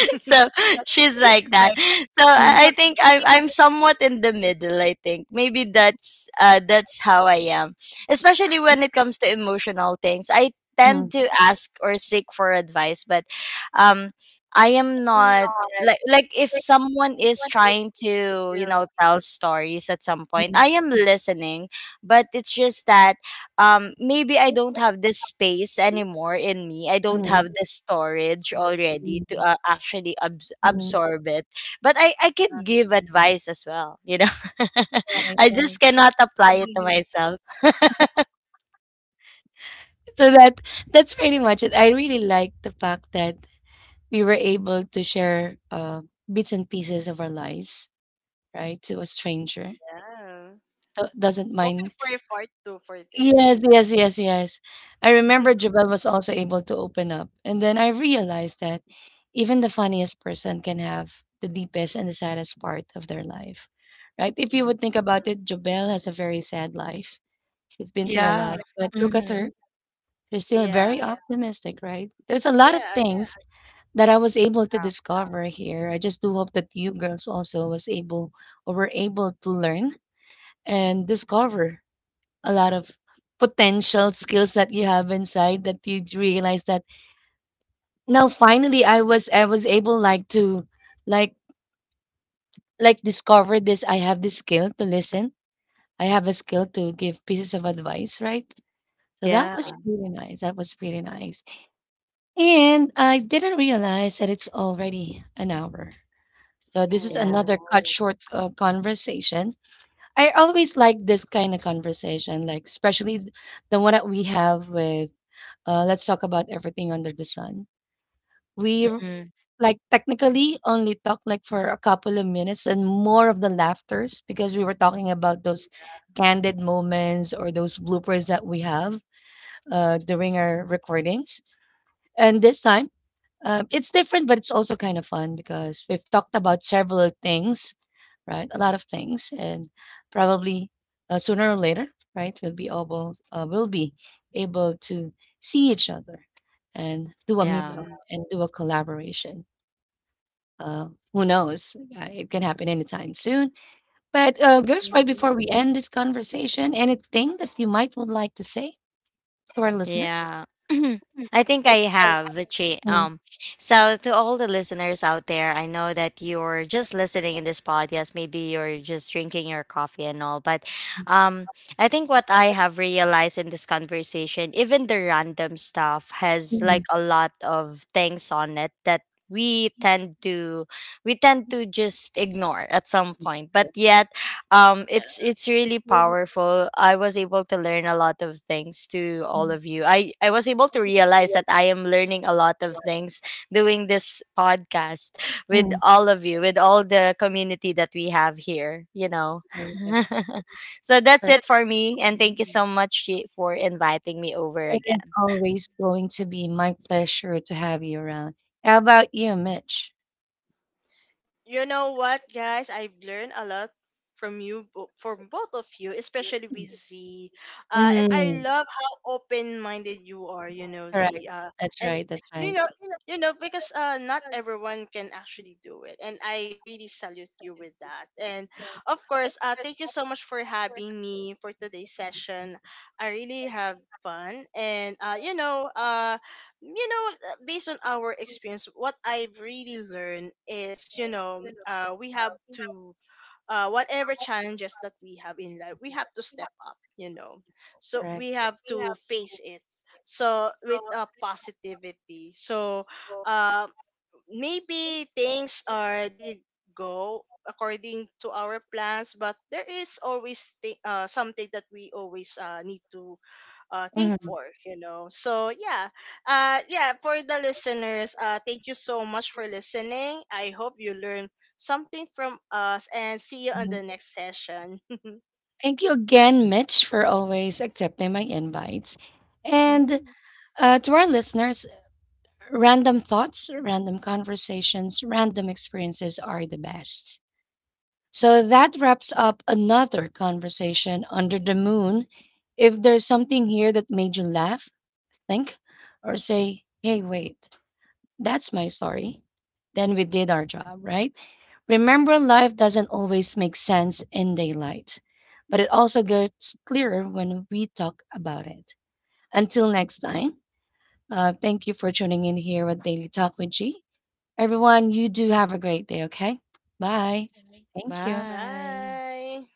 [SPEAKER 2] So she's like that. So
[SPEAKER 1] Mhm.
[SPEAKER 2] I
[SPEAKER 1] What
[SPEAKER 2] think I'm
[SPEAKER 1] think.
[SPEAKER 2] I'm somewhat in the middle. I think maybe that's how I am, especially when it comes to emotional things. I tend
[SPEAKER 1] Mhm.
[SPEAKER 2] to ask or seek for advice, but um, I am not like— like if someone is
[SPEAKER 1] What is
[SPEAKER 2] trying to, you know,
[SPEAKER 1] real?
[SPEAKER 2] tell stories at some point, I
[SPEAKER 1] Mhm,
[SPEAKER 2] am listening, but it's just that um, maybe I don't have this space anymore in me. I don't
[SPEAKER 1] mhm,
[SPEAKER 2] have the storage
[SPEAKER 3] Mhm.
[SPEAKER 2] already to
[SPEAKER 1] mhm,
[SPEAKER 2] actually
[SPEAKER 1] mhm.
[SPEAKER 2] absorb it. But I could
[SPEAKER 3] Um,
[SPEAKER 2] give advice as well, you know.
[SPEAKER 1] Right,
[SPEAKER 2] I
[SPEAKER 1] right.
[SPEAKER 2] just cannot apply it to myself.
[SPEAKER 1] So that's pretty much it. I really like the fact that we were able to share, bits and pieces of our lives, right, to a stranger.
[SPEAKER 3] yeah.
[SPEAKER 1] Doesn't
[SPEAKER 3] Hoping
[SPEAKER 1] mind.
[SPEAKER 3] for a part two for this,
[SPEAKER 1] Yes,
[SPEAKER 3] you know.
[SPEAKER 1] yes, yes, yes. I remember Jabel was also able to open up. And then I realized that even the funniest person can have the deepest and the saddest part of their life, right? If you
[SPEAKER 3] Mhm.
[SPEAKER 1] would think about it, Jabel has a very sad life. She's been through a
[SPEAKER 2] Yeah.
[SPEAKER 1] lot, but look at
[SPEAKER 2] Hmm.
[SPEAKER 1] her. She's still
[SPEAKER 3] Yeah.
[SPEAKER 1] very optimistic, right? There's a lot of
[SPEAKER 3] Yeah.
[SPEAKER 1] things that I was able to
[SPEAKER 2] Yeah.
[SPEAKER 1] discover here. I just do hope that you girls also was able or were able to learn and discover a lot of potential skills that you have inside, that you realize that now finally I was able, like, to like like discover this. I have this skill to listen. I have a skill to give pieces of advice, right? So that
[SPEAKER 2] Yeah.
[SPEAKER 1] was really nice. That was really nice. And I didn't realize that it's already an hour. So this is
[SPEAKER 2] Yeah.
[SPEAKER 3] Oh,
[SPEAKER 1] another cut
[SPEAKER 3] oh,
[SPEAKER 1] short, conversation. I always like this kind of conversation, like especially the one that we have with. Let's talk about everything under the sun. We r-
[SPEAKER 2] Hmm.
[SPEAKER 1] like, technically, only talked like for a couple of minutes and more of the laughters because we were talking about those candid moments or those bloopers that we have during our recordings. And this time, it's different, but it's also kind of fun because we've talked about several things, right? A lot of things, and probably, sooner or later, right? We'll be able to see each other and do a
[SPEAKER 2] Yeah.
[SPEAKER 1] meetup
[SPEAKER 3] mm-hmm.
[SPEAKER 1] and do a collaboration. Uh, who knows? It can happen anytime soon. But, girls, right
[SPEAKER 3] Hmm.
[SPEAKER 1] before we end this conversation, anything that you might would like to say to our listeners?
[SPEAKER 2] Yeah. I think I have, Chi.
[SPEAKER 1] Mm,
[SPEAKER 2] So to all the listeners out there, I know that you're just listening in this podcast. Maybe you're just drinking your coffee and all, but um, I think what I have realized in this conversation, even the random stuff, has like
[SPEAKER 1] mm,
[SPEAKER 2] a lot of things on it that— we tend to— we tend to just ignore at some point. But yet um,
[SPEAKER 3] Yeah.
[SPEAKER 2] it's really
[SPEAKER 1] really,
[SPEAKER 2] powerful. I was able to learn a lot of things to all
[SPEAKER 1] mm,
[SPEAKER 2] of you. I was able to realize that I am learning a lot of things doing this podcast with
[SPEAKER 1] mm.
[SPEAKER 2] all of you, with all the community that we have here, you know. So that's it for me, and thank you so
[SPEAKER 3] Mm.
[SPEAKER 2] much, Shi, for inviting me over
[SPEAKER 1] It is
[SPEAKER 2] again.
[SPEAKER 1] always going to be my pleasure to have you around. How about you, Mitch?
[SPEAKER 3] You know what, guys? I've learned a lot from you, from both of you, especially with Z. And I
[SPEAKER 1] Mm,
[SPEAKER 3] love how open-minded you are, you know, Z.
[SPEAKER 1] correct. That's
[SPEAKER 3] And
[SPEAKER 1] right. That's
[SPEAKER 3] you
[SPEAKER 1] right.
[SPEAKER 3] know, you know, because not everyone can actually do it, and I really salute you with that. And of course, thank you so much for having me for today's session. I really have fun, and you know, based on our experience, what I've really learned is, you know, we have to, whatever challenges that we have in life, we have to step up, you know. So
[SPEAKER 1] Correct.
[SPEAKER 3] we have to face it. So with positivity. So, uh, maybe things are didn't go according to our plans, but there is always something that we always need to think for, you know. So yeah, yeah, for the listeners, thank you so much for listening. I hope you learn something from us and see you on
[SPEAKER 1] Mhm.
[SPEAKER 3] the next session.
[SPEAKER 1] Thank you again, Mitch, for always accepting my invites. And,
[SPEAKER 3] Mm.
[SPEAKER 1] to our listeners, random thoughts, random conversations, random experiences are the best. So that wraps up another conversation under the moon. If there's something here that made you laugh, think or say, hey, wait, that's my story. Then we did our job, right? Remember, life doesn't always make sense in daylight, but it also gets clearer when we talk about it. Until next time, thank you for tuning in here with Daily Talk with G. Everyone, you do have a great day, okay? Bye. Thank you.
[SPEAKER 2] Bye.
[SPEAKER 3] Bye.